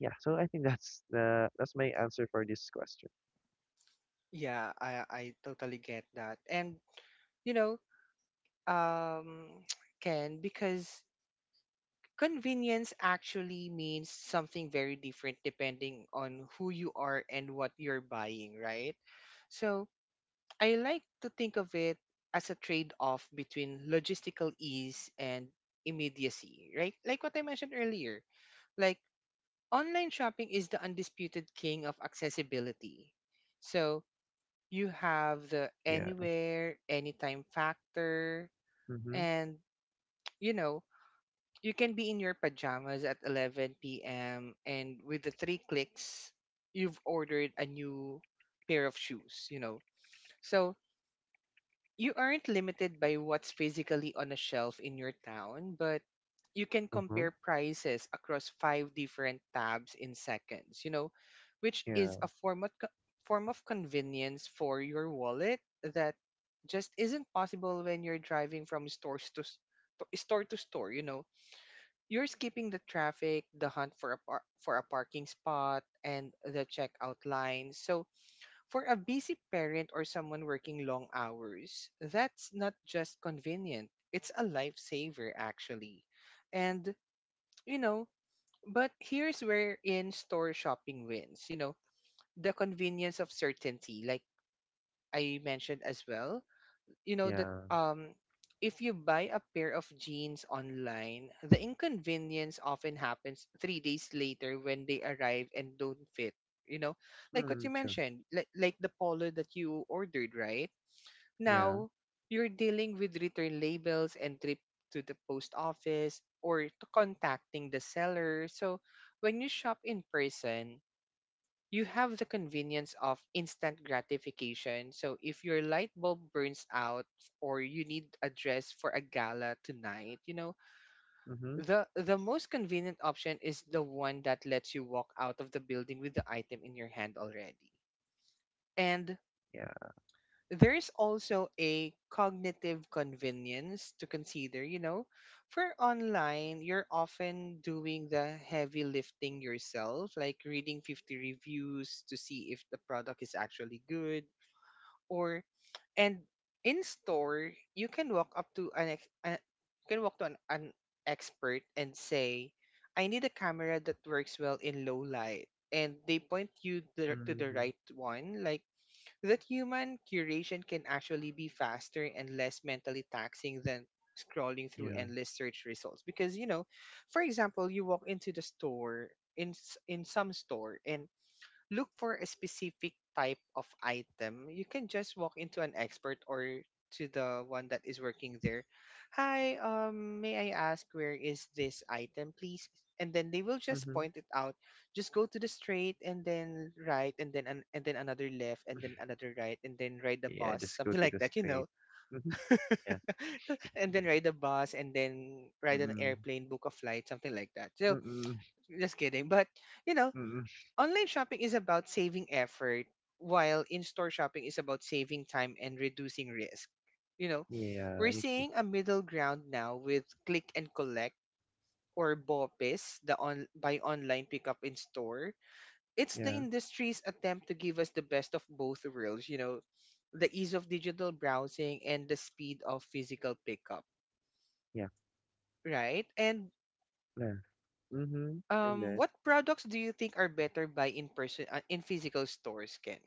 [SPEAKER 2] Yeah, so I think that's the that's my answer for this question.
[SPEAKER 1] Yeah, I totally get that. And you know, um, Ken, because convenience actually means something very different depending on who you are and what you're buying, right? So I like to think of it as a trade off between logistical ease and immediacy, right? Like what I mentioned earlier, like online shopping is the undisputed king of accessibility. So you have the
[SPEAKER 2] Yeah.
[SPEAKER 1] anywhere, anytime factor,
[SPEAKER 2] Mhm.
[SPEAKER 1] and you know, you can be in your pajamas at 11 p.m. and with the three clicks, you've ordered a new pair of shoes, you know. So you aren't limited by what's physically on a shelf in your town, but you can
[SPEAKER 2] Mhm.
[SPEAKER 1] compare prices across five different tabs in seconds, you know, which
[SPEAKER 2] Yeah.
[SPEAKER 1] is a form of, form of convenience for your wallet that just isn't possible when you're driving from store to store, you know. You're skipping the traffic, the hunt for for a parking spot, and the checkout line. So, for a busy parent or someone working long hours, that's not just convenient. It's a lifesaver actually. And, you know, but here's where in-store shopping wins, you know, the convenience of certainty, like I mentioned as well, you know, that
[SPEAKER 2] Yeah.
[SPEAKER 1] if you buy a pair of jeans online, the inconvenience often happens 3 days later when they arrive and don't fit. You know, like what
[SPEAKER 2] Mm,
[SPEAKER 1] you
[SPEAKER 2] true.
[SPEAKER 1] mentioned, like the polo that you ordered, right?
[SPEAKER 2] Yeah.
[SPEAKER 1] Now you're dealing with return labels and trip to the post office or to contacting the seller. So when you shop in person, you have the convenience of instant gratification. So if your light bulb burns out or you need a dress for a gala tonight, you know,
[SPEAKER 2] Mhm.
[SPEAKER 1] the most convenient option is the one that lets you walk out of the building with the item in your hand already. And
[SPEAKER 2] Yeah.
[SPEAKER 1] there's also a cognitive convenience to consider, you know. For online, you're often doing the heavy lifting yourself, like reading 50 reviews to see if the product is actually good, or and in store, you can walk up to you can walk to an expert and say, "I need a camera that works well in low light." And they point you to the
[SPEAKER 2] Mhm.
[SPEAKER 1] right one. Like, that human curation can actually be faster and less mentally taxing than scrolling through
[SPEAKER 2] Yeah.
[SPEAKER 1] endless search results. Because, you know, for example, you walk into the store in some store and look for a specific type of item. You can just walk into an expert or to the one that is working there. Hi, may I ask where is this item, please? And then they will just
[SPEAKER 2] Mhm.
[SPEAKER 1] point it out. Just go to the straight and then right and then and then another left and then another right and then ride the
[SPEAKER 2] Yeah,
[SPEAKER 1] bus,
[SPEAKER 2] just go
[SPEAKER 1] something
[SPEAKER 2] to
[SPEAKER 1] like
[SPEAKER 2] the
[SPEAKER 1] that, you
[SPEAKER 2] straight.
[SPEAKER 1] know.
[SPEAKER 2] Mhm. Yeah.
[SPEAKER 1] And then ride the bus and then ride an
[SPEAKER 2] Mm.
[SPEAKER 1] airplane, book a flight, something like that. So
[SPEAKER 2] Mm.
[SPEAKER 1] just kidding, but you know
[SPEAKER 2] Mm.
[SPEAKER 1] online shopping is about saving effort, while in-store shopping is about saving time and reducing risk you know
[SPEAKER 2] Yeah, I
[SPEAKER 1] we're
[SPEAKER 2] agree.
[SPEAKER 1] seeing a middle ground now with click and collect, or BOPIS, the on buy online pickup in store. It's the
[SPEAKER 2] Yeah.
[SPEAKER 1] industry's attempt to give us the best of both worlds, you know, the ease of digital browsing and the speed of physical pickup,
[SPEAKER 2] Yeah.
[SPEAKER 1] right? And
[SPEAKER 2] Yeah. Mhm. And then
[SPEAKER 1] what products do you think are better by in person in physical stores, Ken?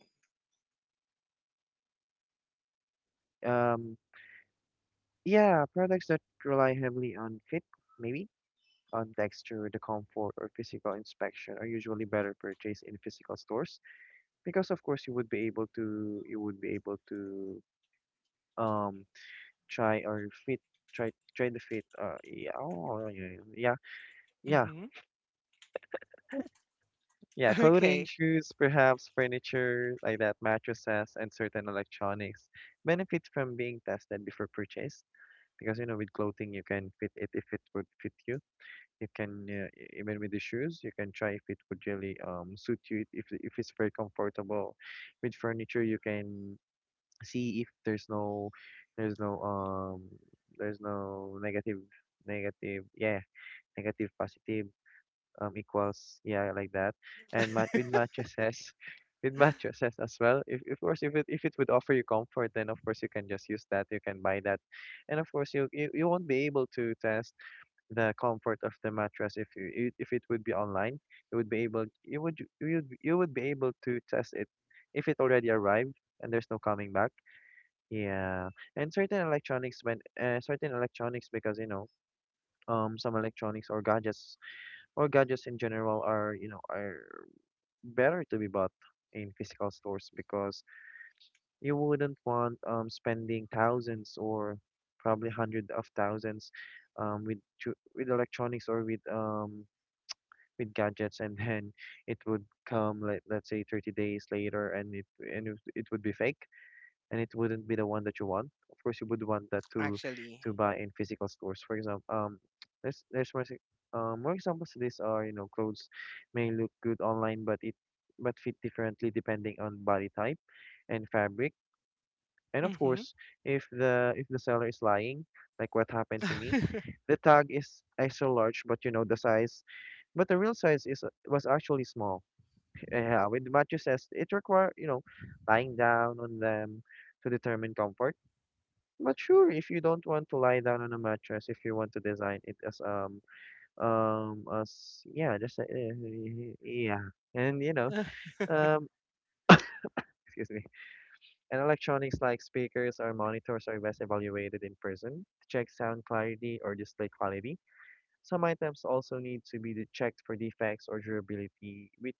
[SPEAKER 2] um yeah, products that rely heavily on fit, maybe on texture, the comfort, or physical inspection are usually better purchased in physical stores, because, of course, you would be able to um try or fit, try try the fit. Yeah, oh, yeah, yeah, yeah,
[SPEAKER 1] Mm-hmm.
[SPEAKER 2] yeah. Clothing,
[SPEAKER 1] Okay.
[SPEAKER 2] shoes, perhaps furniture like that, mattresses, and certain electronics benefit from being tested before purchase, because you know, with clothing you can fit it, if it would fit you. You can even with the shoes, you can try if it would really suit you, if it's very comfortable. With furniture, you can see if there's no, there's no um there's no negative negative yeah, negative positive equals, yeah, like that. And with mattresses, with mattresses as well. If, of course, if it, if it would offer you comfort, then of course you can just use that, you can buy that. And of course you won't be able to test the comfort of the mattress if if it would be online. You would be able to test it if it already arrived, and there's no coming back, yeah. And certain electronics, when certain electronics, because you know, some electronics or gadgets in general are, you know, are better to be bought in physical stores, because you wouldn't want spending thousands, or probably hundreds of thousands, with with electronics, or with gadgets, and then it would come, like let's say 30 days later, and it would be fake, and it wouldn't be the one that you want. Of course you would want that
[SPEAKER 1] Actually.
[SPEAKER 2] to buy in physical stores. For example, there's more more examples to this are, you know, clothes may look good online, but it but fit differently depending on body type and fabric. And of
[SPEAKER 1] Mm-hmm.
[SPEAKER 2] course, if the seller is lying, like what happened to me, the tag is extra large, but you know the size, but the real size is was actually small. Yeah, with mattresses, it require, you know, lying down on them to determine comfort. But sure, if you don't want to lie down on a mattress, if you want to design it as as, yeah, just yeah. And you know, um excuse me, and electronics like speakers or monitors are best evaluated in person to check sound clarity or display quality. Some items also need to be checked for defects or durability,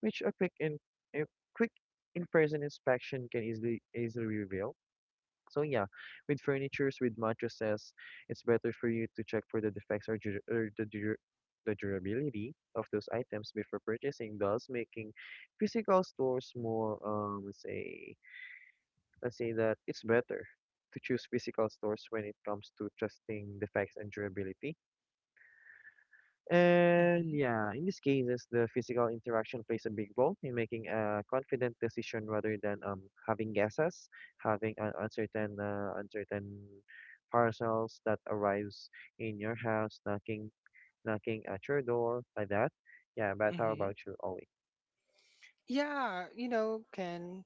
[SPEAKER 2] which a quick in a quick in-person inspection can easily reveal. So yeah, with furnitures, with mattresses, it's better for you to check for the defects, or the durability of those items before purchasing, thus making physical stores more, let's say that it's better to choose physical stores when it comes to trusting defects and durability. And
[SPEAKER 1] Mm-hmm.
[SPEAKER 2] yeah, in these cases, the physical interaction plays a big role in making a confident decision, rather than having guesses, having an uncertain, uncertain parcels that arrives in your house, knocking at your door like that. Yeah, but how
[SPEAKER 1] Mm-hmm.
[SPEAKER 2] about you, Ollie?
[SPEAKER 1] Yeah, you know, can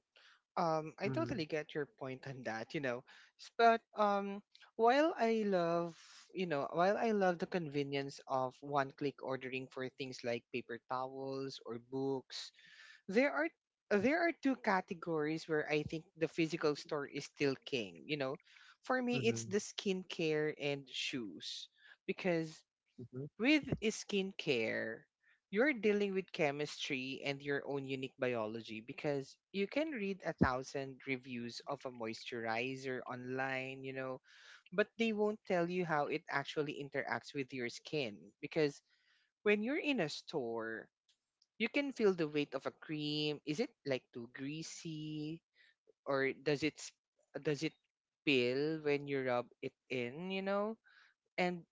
[SPEAKER 1] I
[SPEAKER 2] Mm-hmm.
[SPEAKER 1] totally get your point on that, you know. But while I love, you know, while I love the convenience of one-click ordering for things like paper towels or books, there are there are two categories where I think the physical store is still king, you know. For me, it's
[SPEAKER 2] Mm-hmm.
[SPEAKER 1] the skincare and shoes because
[SPEAKER 2] Mm-hmm.
[SPEAKER 1] with skincare, you're dealing with chemistry and your own unique biology, because you can read a thousand reviews of a moisturizer online, you know, but they won't tell you how it actually interacts with your skin. Because when you're in a store, you can feel the weight of a cream. Is it like too greasy, or does it peel when you rub it in, you know? And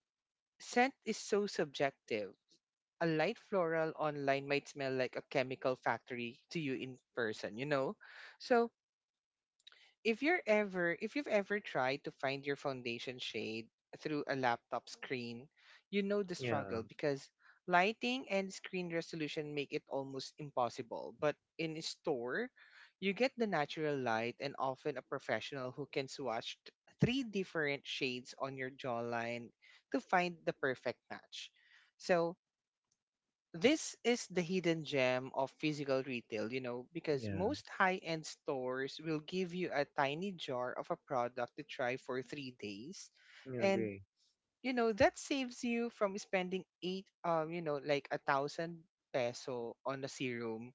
[SPEAKER 1] scent is so subjective. A light floral online might smell like a chemical factory to you in person, you know? So if you're ever if you've ever tried to find your foundation shade through a laptop screen, you know the
[SPEAKER 2] Yeah.
[SPEAKER 1] struggle, because lighting and screen resolution make it almost impossible. But in a store, you get the natural light and often a professional who can three different shades on your jawline to find the perfect match. So this is the hidden gem of physical retail, you know, because
[SPEAKER 2] Yeah.
[SPEAKER 1] most high end stores will give you a tiny jar of a product to try for 3 days.
[SPEAKER 2] I
[SPEAKER 1] And,
[SPEAKER 2] agree.
[SPEAKER 1] you know, that saves you from spending eight, like 1,000 peso on a serum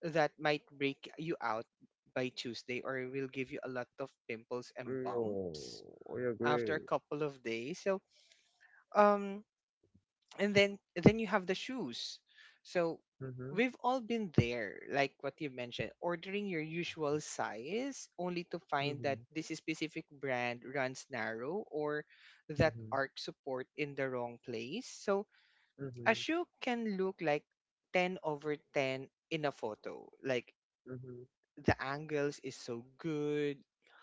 [SPEAKER 1] that might break you out by Tuesday, or will give you a lot of pimples and bumps
[SPEAKER 2] Oh, I
[SPEAKER 1] after a
[SPEAKER 2] agree.
[SPEAKER 1] couple of days. So, um, and then you have the shoes. So
[SPEAKER 2] Mm-hmm.
[SPEAKER 1] we've all been there, like what you mentioned, ordering your usual size only to find that
[SPEAKER 2] Mm-hmm.
[SPEAKER 1] this specific brand runs narrow, or that
[SPEAKER 2] Mm-hmm.
[SPEAKER 1] arc support in the wrong place. So a
[SPEAKER 2] Mm-hmm.
[SPEAKER 1] shoe can look like 10 over 10 in a photo, like
[SPEAKER 2] Mm-hmm.
[SPEAKER 1] the angles is so good,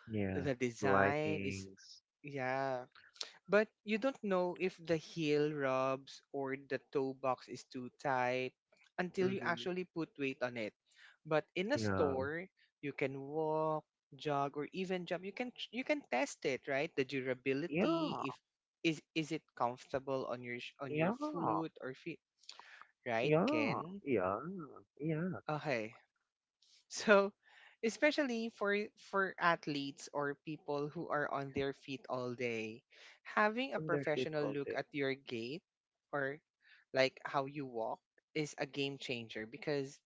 [SPEAKER 2] Yeah.
[SPEAKER 1] the design is,
[SPEAKER 2] Lightings.
[SPEAKER 1] yeah, but you don't know if the heel rubs or the toe box is too tight until you
[SPEAKER 2] Mhm.
[SPEAKER 1] actually put weight on it. But in a
[SPEAKER 2] Yeah.
[SPEAKER 1] store, you can walk, jog, or even jump. You can test it, right? The
[SPEAKER 2] Yeah.
[SPEAKER 1] durability, if is it comfortable on on your
[SPEAKER 2] Yeah.
[SPEAKER 1] foot or feet, right?
[SPEAKER 2] Yeah.
[SPEAKER 1] Ken.
[SPEAKER 2] Yeah. Yeah.
[SPEAKER 1] Okay. So, especially for athletes or people who are on their feet all day, having a
[SPEAKER 2] Under shit
[SPEAKER 1] professional
[SPEAKER 2] all
[SPEAKER 1] look
[SPEAKER 2] day.
[SPEAKER 1] at your gait, or like how you walk, is a game changer because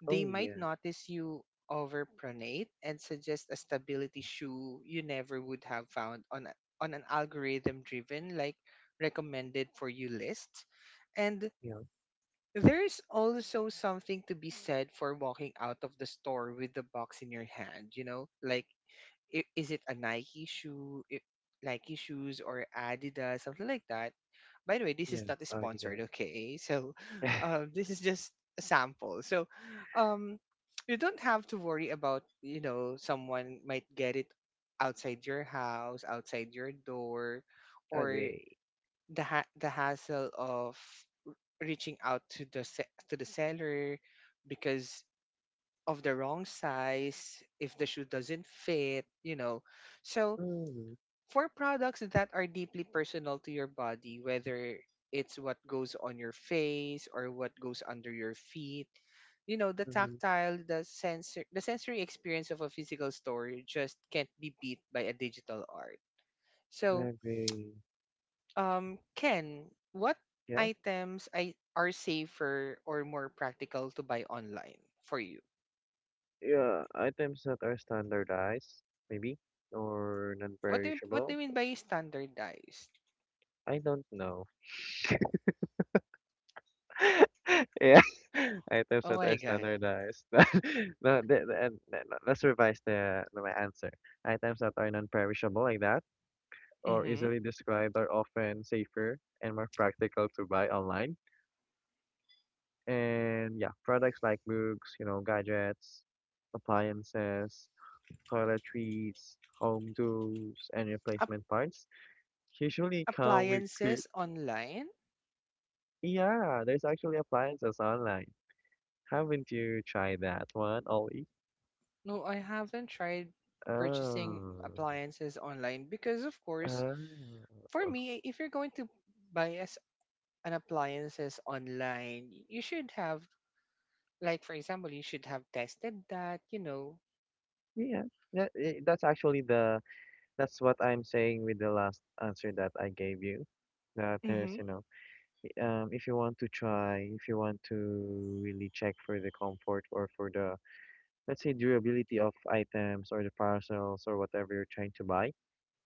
[SPEAKER 1] they
[SPEAKER 2] Oh
[SPEAKER 1] might
[SPEAKER 2] yeah.
[SPEAKER 1] notice you overpronate and suggest a stability shoe you never would have found on on an algorithm driven, like, recommended for you list. And
[SPEAKER 2] Yeah.
[SPEAKER 1] there's also something to be said for walking out of the store with the box in your hand, you know? Is it a Nike Nike shoes or Adidas, something like that? By the way, this is
[SPEAKER 2] Yeah.
[SPEAKER 1] not
[SPEAKER 2] I did that.
[SPEAKER 1] sponsored, okay? So, this is just a sample. So, um, you don't have to worry about, you know, someone might get it outside your house, outside your door, or
[SPEAKER 2] Agree.
[SPEAKER 1] the hassle of reaching out to to the seller because of the wrong size if the shoe doesn't fit, you know. So
[SPEAKER 2] Mm-hmm.
[SPEAKER 1] for products that are deeply personal to your body, whether it's what goes on your face or what goes under your feet, you know, the
[SPEAKER 2] Mm-hmm.
[SPEAKER 1] tactile, the sensor, the sensory experience of a physical store just can't be beat by a digital art. So
[SPEAKER 2] Agree.
[SPEAKER 1] Ken, what
[SPEAKER 2] Yeah.
[SPEAKER 1] items I, are safer or more practical to buy online for you?
[SPEAKER 2] Yeah. Items that are standardized, maybe, or
[SPEAKER 1] What do you, what do
[SPEAKER 2] non-perishable.
[SPEAKER 1] you mean by standardized?
[SPEAKER 2] I don't know. Yeah. Items
[SPEAKER 1] Oh
[SPEAKER 2] that
[SPEAKER 1] my
[SPEAKER 2] are
[SPEAKER 1] god.
[SPEAKER 2] standardized. No, no, let's revise the my answer. Items that are non-perishable like that, or
[SPEAKER 1] Mm-hmm.
[SPEAKER 2] easily described are often safer and more practical to buy online. And yeah, products like books, you know, gadgets, appliances, toiletries, home tools, and replacement parts usually come with clear.
[SPEAKER 1] Appliances online?
[SPEAKER 2] Yeah, there's actually appliances online. Haven't you tried that one, Ollie?
[SPEAKER 1] No, I haven't tried purchasing
[SPEAKER 2] Oh,
[SPEAKER 1] appliances online because, of course,
[SPEAKER 2] oh,
[SPEAKER 1] for me, if you're going to buy as an appliances online, you should have, like, for example, you should have tested that, you know.
[SPEAKER 2] yeah. That, eh, that's actually the, that's what I'm saying with the last answer that I gave you. That there's,
[SPEAKER 1] Mm-hmm.
[SPEAKER 2] you know, if you want to try, if you want to really check for the comfort, or for the, let's say, durability of items, or the parcels, or whatever you're trying to buy,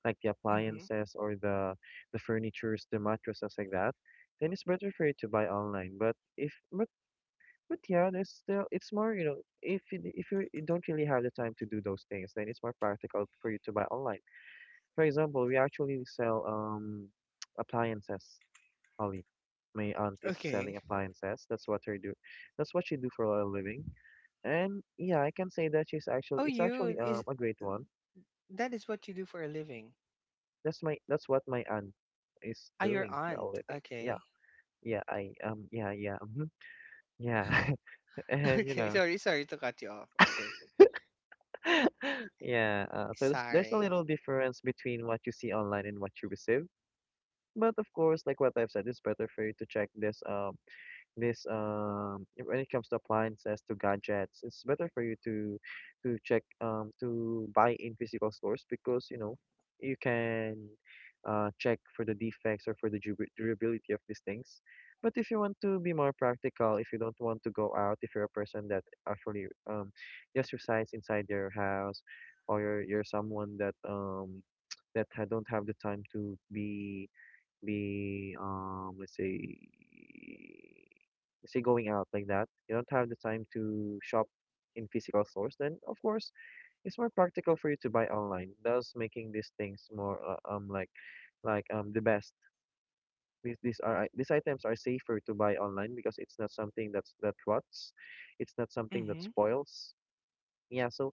[SPEAKER 2] like the
[SPEAKER 1] Mm-hmm.
[SPEAKER 2] appliances, or the furnitures, the mattresses like that, then it's better for you to buy online. But if, But yeah, there's still, it's more, you know, if you don't really have the time to do those things, then it's more practical for you to buy online. For example, we actually sell appliances, Ollie. My aunt is
[SPEAKER 1] Okay.
[SPEAKER 2] selling appliances. That's what her do. That's what she do for a living. And yeah, I can say that she's actually
[SPEAKER 1] Oh,
[SPEAKER 2] it's
[SPEAKER 1] you
[SPEAKER 2] actually
[SPEAKER 1] is
[SPEAKER 2] a great one.
[SPEAKER 1] that is what you do for a living?
[SPEAKER 2] That's my, that's what my aunt is
[SPEAKER 1] Ah, your
[SPEAKER 2] doing for a
[SPEAKER 1] aunt.
[SPEAKER 2] living. Yeah.
[SPEAKER 1] Okay.
[SPEAKER 2] Yeah, I yeah, yeah, mhm, yeah. And you
[SPEAKER 1] Okay.
[SPEAKER 2] know.
[SPEAKER 1] Sorry, sorry to cut you off. Okay.
[SPEAKER 2] Yeah, so there's a
[SPEAKER 1] Sorry.
[SPEAKER 2] little difference between what you see online and what you receive. But of course, like what I've said, it's better for you to check this when it comes to appliances, to gadgets, it's better for you to check, to buy in physical stores, because you know, you can check for the defects, or for the durability of these things. But if you want to be more practical, if you don't want to go out, if you're a person that actually just resides inside your house, or you're someone that that don't have the time to be let's say say going out like that, you don't have the time to shop in physical stores, then of course it's more practical for you to buy online, thus making these things more, like the best. These are, these items are safer to buy online, because it's not something that's that rots, it's not something that
[SPEAKER 1] Mm-hmm.
[SPEAKER 2] spoils. Yeah, so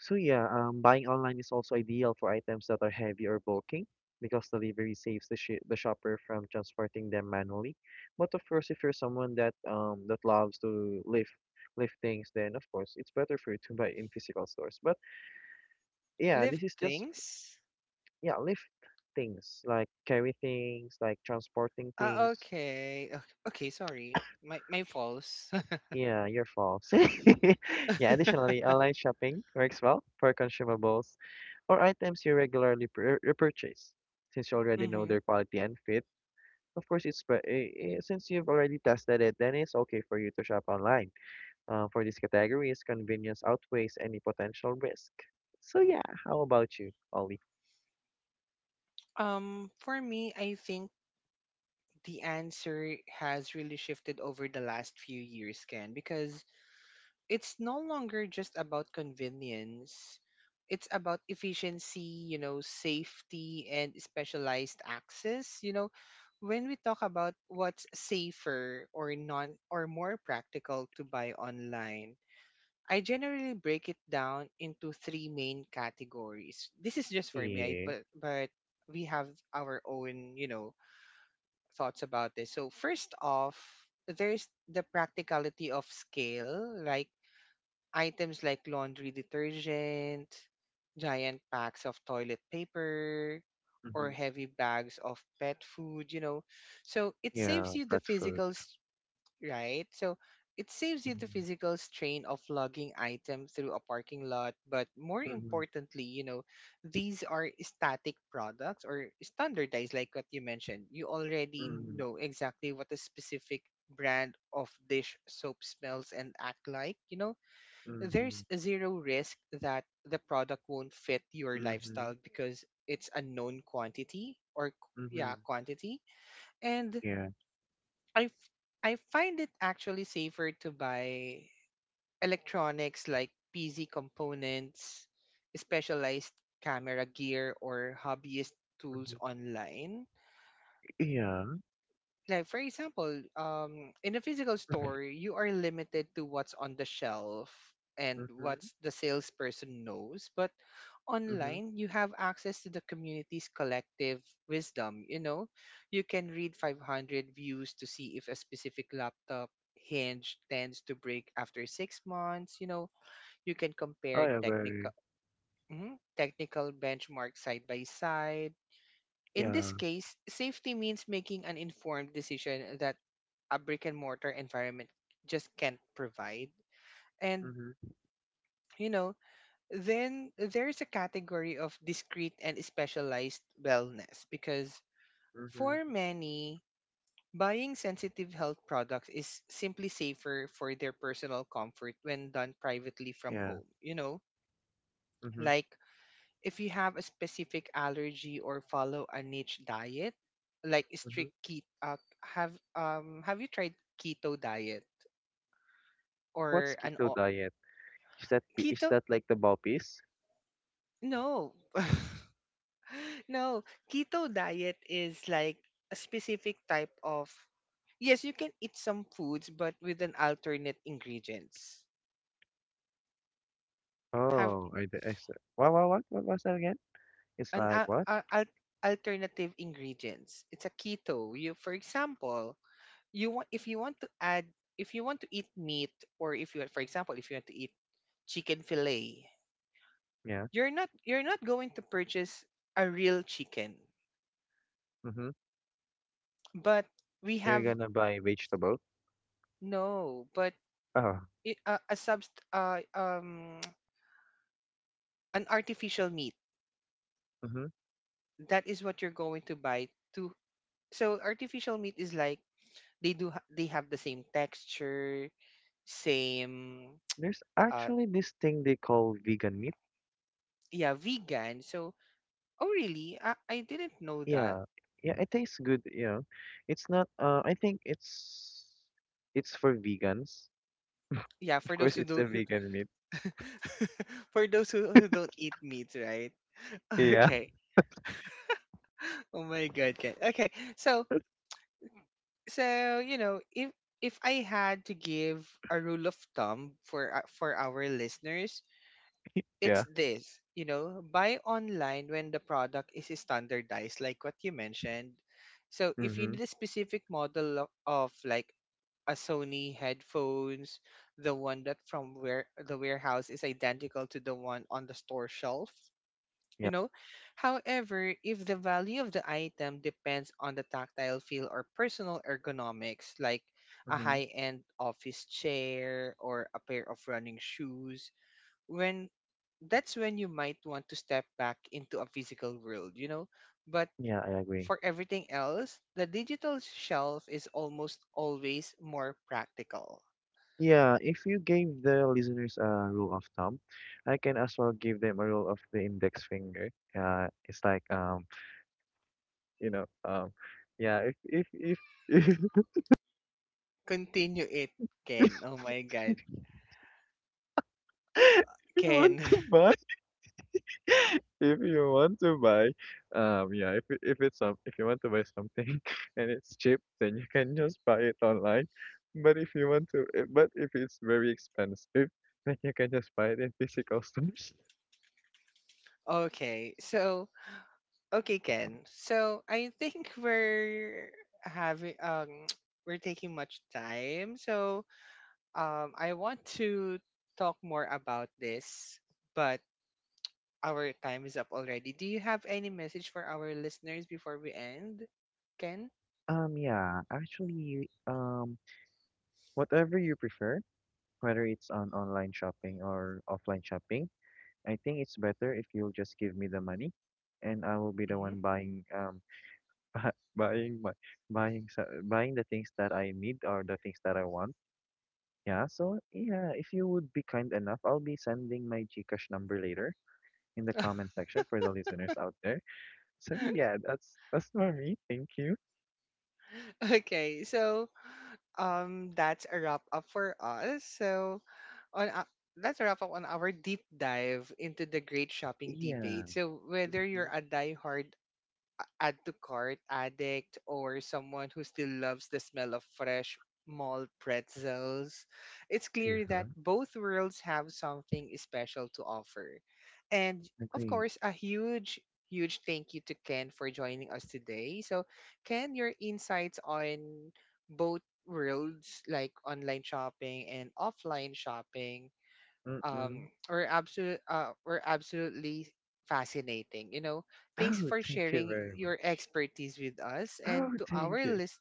[SPEAKER 2] so yeah, buying online is also ideal for items that are heavy or bulky, because delivery saves the shopper from transporting them manually. But of course, if you're someone that that loves to lift, things, then of course it's better for you to buy in physical stores. But yeah,
[SPEAKER 1] Lift
[SPEAKER 2] this is just
[SPEAKER 1] things.
[SPEAKER 2] yeah, lift things, like carry things, like transporting
[SPEAKER 1] Ah,
[SPEAKER 2] things.
[SPEAKER 1] okay. Okay. Okay. Sorry. My false.
[SPEAKER 2] Yeah, you're false. Yeah,
[SPEAKER 1] Mm-hmm.
[SPEAKER 2] additionally, online shopping works well for consumables, or items you regularly repurchase. Since you already know their quality and fit, of course, it's since you've already tested it, then it's okay for you to shop online. For these categories, convenience outweighs any potential risk. So yeah, how about you, Ollie?
[SPEAKER 1] For me, I think the answer has really shifted over the last few years, Ken, because it's no longer just about convenience. It's about efficiency, you know, safety and specialized access. You know, when we talk about what's safer or non or more practical to buy online, I generally break it down into 3 main categories. This is just for me, I,
[SPEAKER 2] Yeah.
[SPEAKER 1] but we have our own, you know, thoughts about this. So first off, there's the practicality of scale, like items like laundry detergent, giant packs of toilet paper, or
[SPEAKER 2] Mm-hmm.
[SPEAKER 1] heavy bags of pet food, you know. So it
[SPEAKER 2] Yeah,
[SPEAKER 1] saves you the
[SPEAKER 2] pet food.
[SPEAKER 1] right? So it saves you the
[SPEAKER 2] Mm-hmm.
[SPEAKER 1] physical strain of lugging items through a parking lot. But more
[SPEAKER 2] Mm-hmm.
[SPEAKER 1] importantly, you know, these are static products or standardized, like what you mentioned. You already
[SPEAKER 2] Mm-hmm.
[SPEAKER 1] know exactly what a specific brand of dish soap smells and act like, you know,
[SPEAKER 2] Mm-hmm.
[SPEAKER 1] there's zero risk that the product won't fit your
[SPEAKER 2] Mm-hmm.
[SPEAKER 1] lifestyle because it's a known quantity, or
[SPEAKER 2] Mm-hmm.
[SPEAKER 1] yeah, quantity. And
[SPEAKER 2] Yeah.
[SPEAKER 1] i f- I find it actually safer to buy electronics like pc components, specialized camera gear, or hobbyist tools
[SPEAKER 2] Mm-hmm.
[SPEAKER 1] online.
[SPEAKER 2] Yeah.
[SPEAKER 1] Like for example, in a physical store, you are limited to what's on the shelf and
[SPEAKER 2] Mm-hmm.
[SPEAKER 1] what's the salesperson knows. But
[SPEAKER 2] Mm-hmm.
[SPEAKER 1] online, you have access to the community's collective wisdom. You know, you can read 500 views to see if a specific laptop hinge tends to break after 6 months. You know, you can compare
[SPEAKER 2] I agree.
[SPEAKER 1] technical benchmark side by side. In this
[SPEAKER 2] Yeah.
[SPEAKER 1] case, safety means making an informed decision that a brick and mortar environment just can't provide. And,
[SPEAKER 2] Mm-hmm.
[SPEAKER 1] you know, then there's a category of discrete and specialized wellness, because for
[SPEAKER 2] Mm-hmm.
[SPEAKER 1] many, buying sensitive health products is simply safer for their personal comfort when done privately from
[SPEAKER 2] Yeah.
[SPEAKER 1] home. You know,
[SPEAKER 2] Mm-hmm.
[SPEAKER 1] like if you have a specific allergy or follow a niche diet, like strict keto, have you tried keto diet
[SPEAKER 2] What's
[SPEAKER 1] or
[SPEAKER 2] keto diet? Is that is
[SPEAKER 1] keto.
[SPEAKER 2] that like the Baopis?
[SPEAKER 1] No, no. Keto diet is like a specific type of. Yes, you can eat some foods, but with an alternate ingredients. Have
[SPEAKER 2] Oh, I, d- I s- what was that again? It's
[SPEAKER 1] an
[SPEAKER 2] like
[SPEAKER 1] al-
[SPEAKER 2] what?
[SPEAKER 1] al- al- alternative ingredients. It's a keto. You, for example, you want if you want to add if you want to eat meat, or if you, for example, if you want to eat chicken fillet,
[SPEAKER 2] Yeah.
[SPEAKER 1] you're not going to purchase a real chicken,
[SPEAKER 2] Mm-hmm.
[SPEAKER 1] but we
[SPEAKER 2] You're
[SPEAKER 1] have
[SPEAKER 2] gonna buy vegetable.
[SPEAKER 1] no, but
[SPEAKER 2] Oh.
[SPEAKER 1] a, subst an artificial meat,
[SPEAKER 2] Mm-hmm.
[SPEAKER 1] that is what you're going to buy to. So artificial meat is like, they they have the same texture, same
[SPEAKER 2] There's
[SPEAKER 1] uh
[SPEAKER 2] actually this thing they call vegan meat.
[SPEAKER 1] yeah, vegan. So oh really, I didn't know that.
[SPEAKER 2] Yeah. Yeah, it tastes good, yeah. It's not I think it's for vegans.
[SPEAKER 1] Yeah,
[SPEAKER 2] Of
[SPEAKER 1] for those
[SPEAKER 2] course
[SPEAKER 1] who
[SPEAKER 2] it's a
[SPEAKER 1] don't,
[SPEAKER 2] vegan meat.
[SPEAKER 1] for those who don't eat meat, right?
[SPEAKER 2] Yeah.
[SPEAKER 1] Okay. Oh my god, Ken. Okay. So so you know, if I had to give a rule of thumb for our listeners,
[SPEAKER 2] Yeah.
[SPEAKER 1] it's this, you know, buy online when the product is standardized, like what you mentioned. So if you
[SPEAKER 2] Mm-hmm.
[SPEAKER 1] need a specific model of like a Sony headphones, the one that from where the warehouse is identical to the one on the store shelf,
[SPEAKER 2] Yeah.
[SPEAKER 1] you know. However, if the value of the item depends on the tactile feel or personal ergonomics, like a
[SPEAKER 2] Mm-hmm.
[SPEAKER 1] high-end office chair or a pair of running shoes, when that's when you might want to step back into a physical world, you know? But
[SPEAKER 2] Yeah, I agree.
[SPEAKER 1] for everything else, the digital shelf is almost always more practical.
[SPEAKER 2] Yeah, if you gave the listeners a rule of thumb, I can as well give them a rule of the index finger. It's like you know, yeah, if
[SPEAKER 1] Continue it, Ken. Oh my god.
[SPEAKER 2] if, you want
[SPEAKER 1] Ken.
[SPEAKER 2] to buy, if you want to buy, yeah, if it's some, if you want to buy something and it's cheap, then you can just buy it online. But if it's very expensive, then you can just buy it in physical stores.
[SPEAKER 1] Okay. So, okay, Ken. So, I think we're having we're taking much time. So, I want to talk more about this, but our time is up already. Do you have any message for our listeners before we end, Ken?
[SPEAKER 2] Yeah, actually. Whatever you prefer, whether it's on online shopping or offline shopping, I think it's better if you'll just give me the money, and I will be the
[SPEAKER 1] Hmm.
[SPEAKER 2] one buying bu- buying my buying buying the things that I need, or the things that I want. Yeah, so yeah, if you would be kind enough, I'll be sending my GCash number later in the comment section for the listeners out there. So yeah, that's for me. Thank you.
[SPEAKER 1] Okay, so that's a wrap up for us. So on that's a wrap up on our deep dive into the great shopping
[SPEAKER 2] Yeah.
[SPEAKER 1] debate. So whether
[SPEAKER 2] Mm-hmm.
[SPEAKER 1] you're a a- add to cart addict, or someone who still loves the smell of fresh malt pretzels, it's
[SPEAKER 2] Yeah.
[SPEAKER 1] clear that both worlds have something special to offer. And of
[SPEAKER 2] Agree.
[SPEAKER 1] course, a huge thank you to Ken for joining us today. So, Ken, your insights on both worlds, like online shopping and offline shopping,
[SPEAKER 2] Mm-mm.
[SPEAKER 1] were absolutely fascinating. You know, thanks
[SPEAKER 2] Oh,
[SPEAKER 1] for
[SPEAKER 2] thank you
[SPEAKER 1] sharing
[SPEAKER 2] very
[SPEAKER 1] your
[SPEAKER 2] much.
[SPEAKER 1] expertise with us and
[SPEAKER 2] Oh,
[SPEAKER 1] to
[SPEAKER 2] thank
[SPEAKER 1] our
[SPEAKER 2] you.
[SPEAKER 1] list.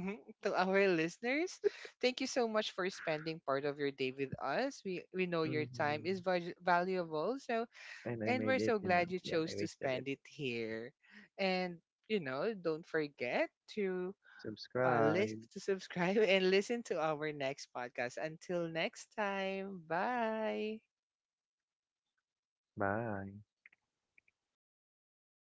[SPEAKER 1] Mhm. To our listeners, thank you so much for spending part of your day with us. We know your time
[SPEAKER 2] Mhm.
[SPEAKER 1] is valuable, so
[SPEAKER 2] And I
[SPEAKER 1] and
[SPEAKER 2] made
[SPEAKER 1] we're
[SPEAKER 2] it,
[SPEAKER 1] so
[SPEAKER 2] you know.
[SPEAKER 1] glad you
[SPEAKER 2] Yeah,
[SPEAKER 1] chose
[SPEAKER 2] I
[SPEAKER 1] to
[SPEAKER 2] wasted it.
[SPEAKER 1] spend it here. And you know, don't forget to list
[SPEAKER 2] Subscribe.
[SPEAKER 1] to subscribe and listen to our next podcast. Until next time, bye.
[SPEAKER 2] Bye.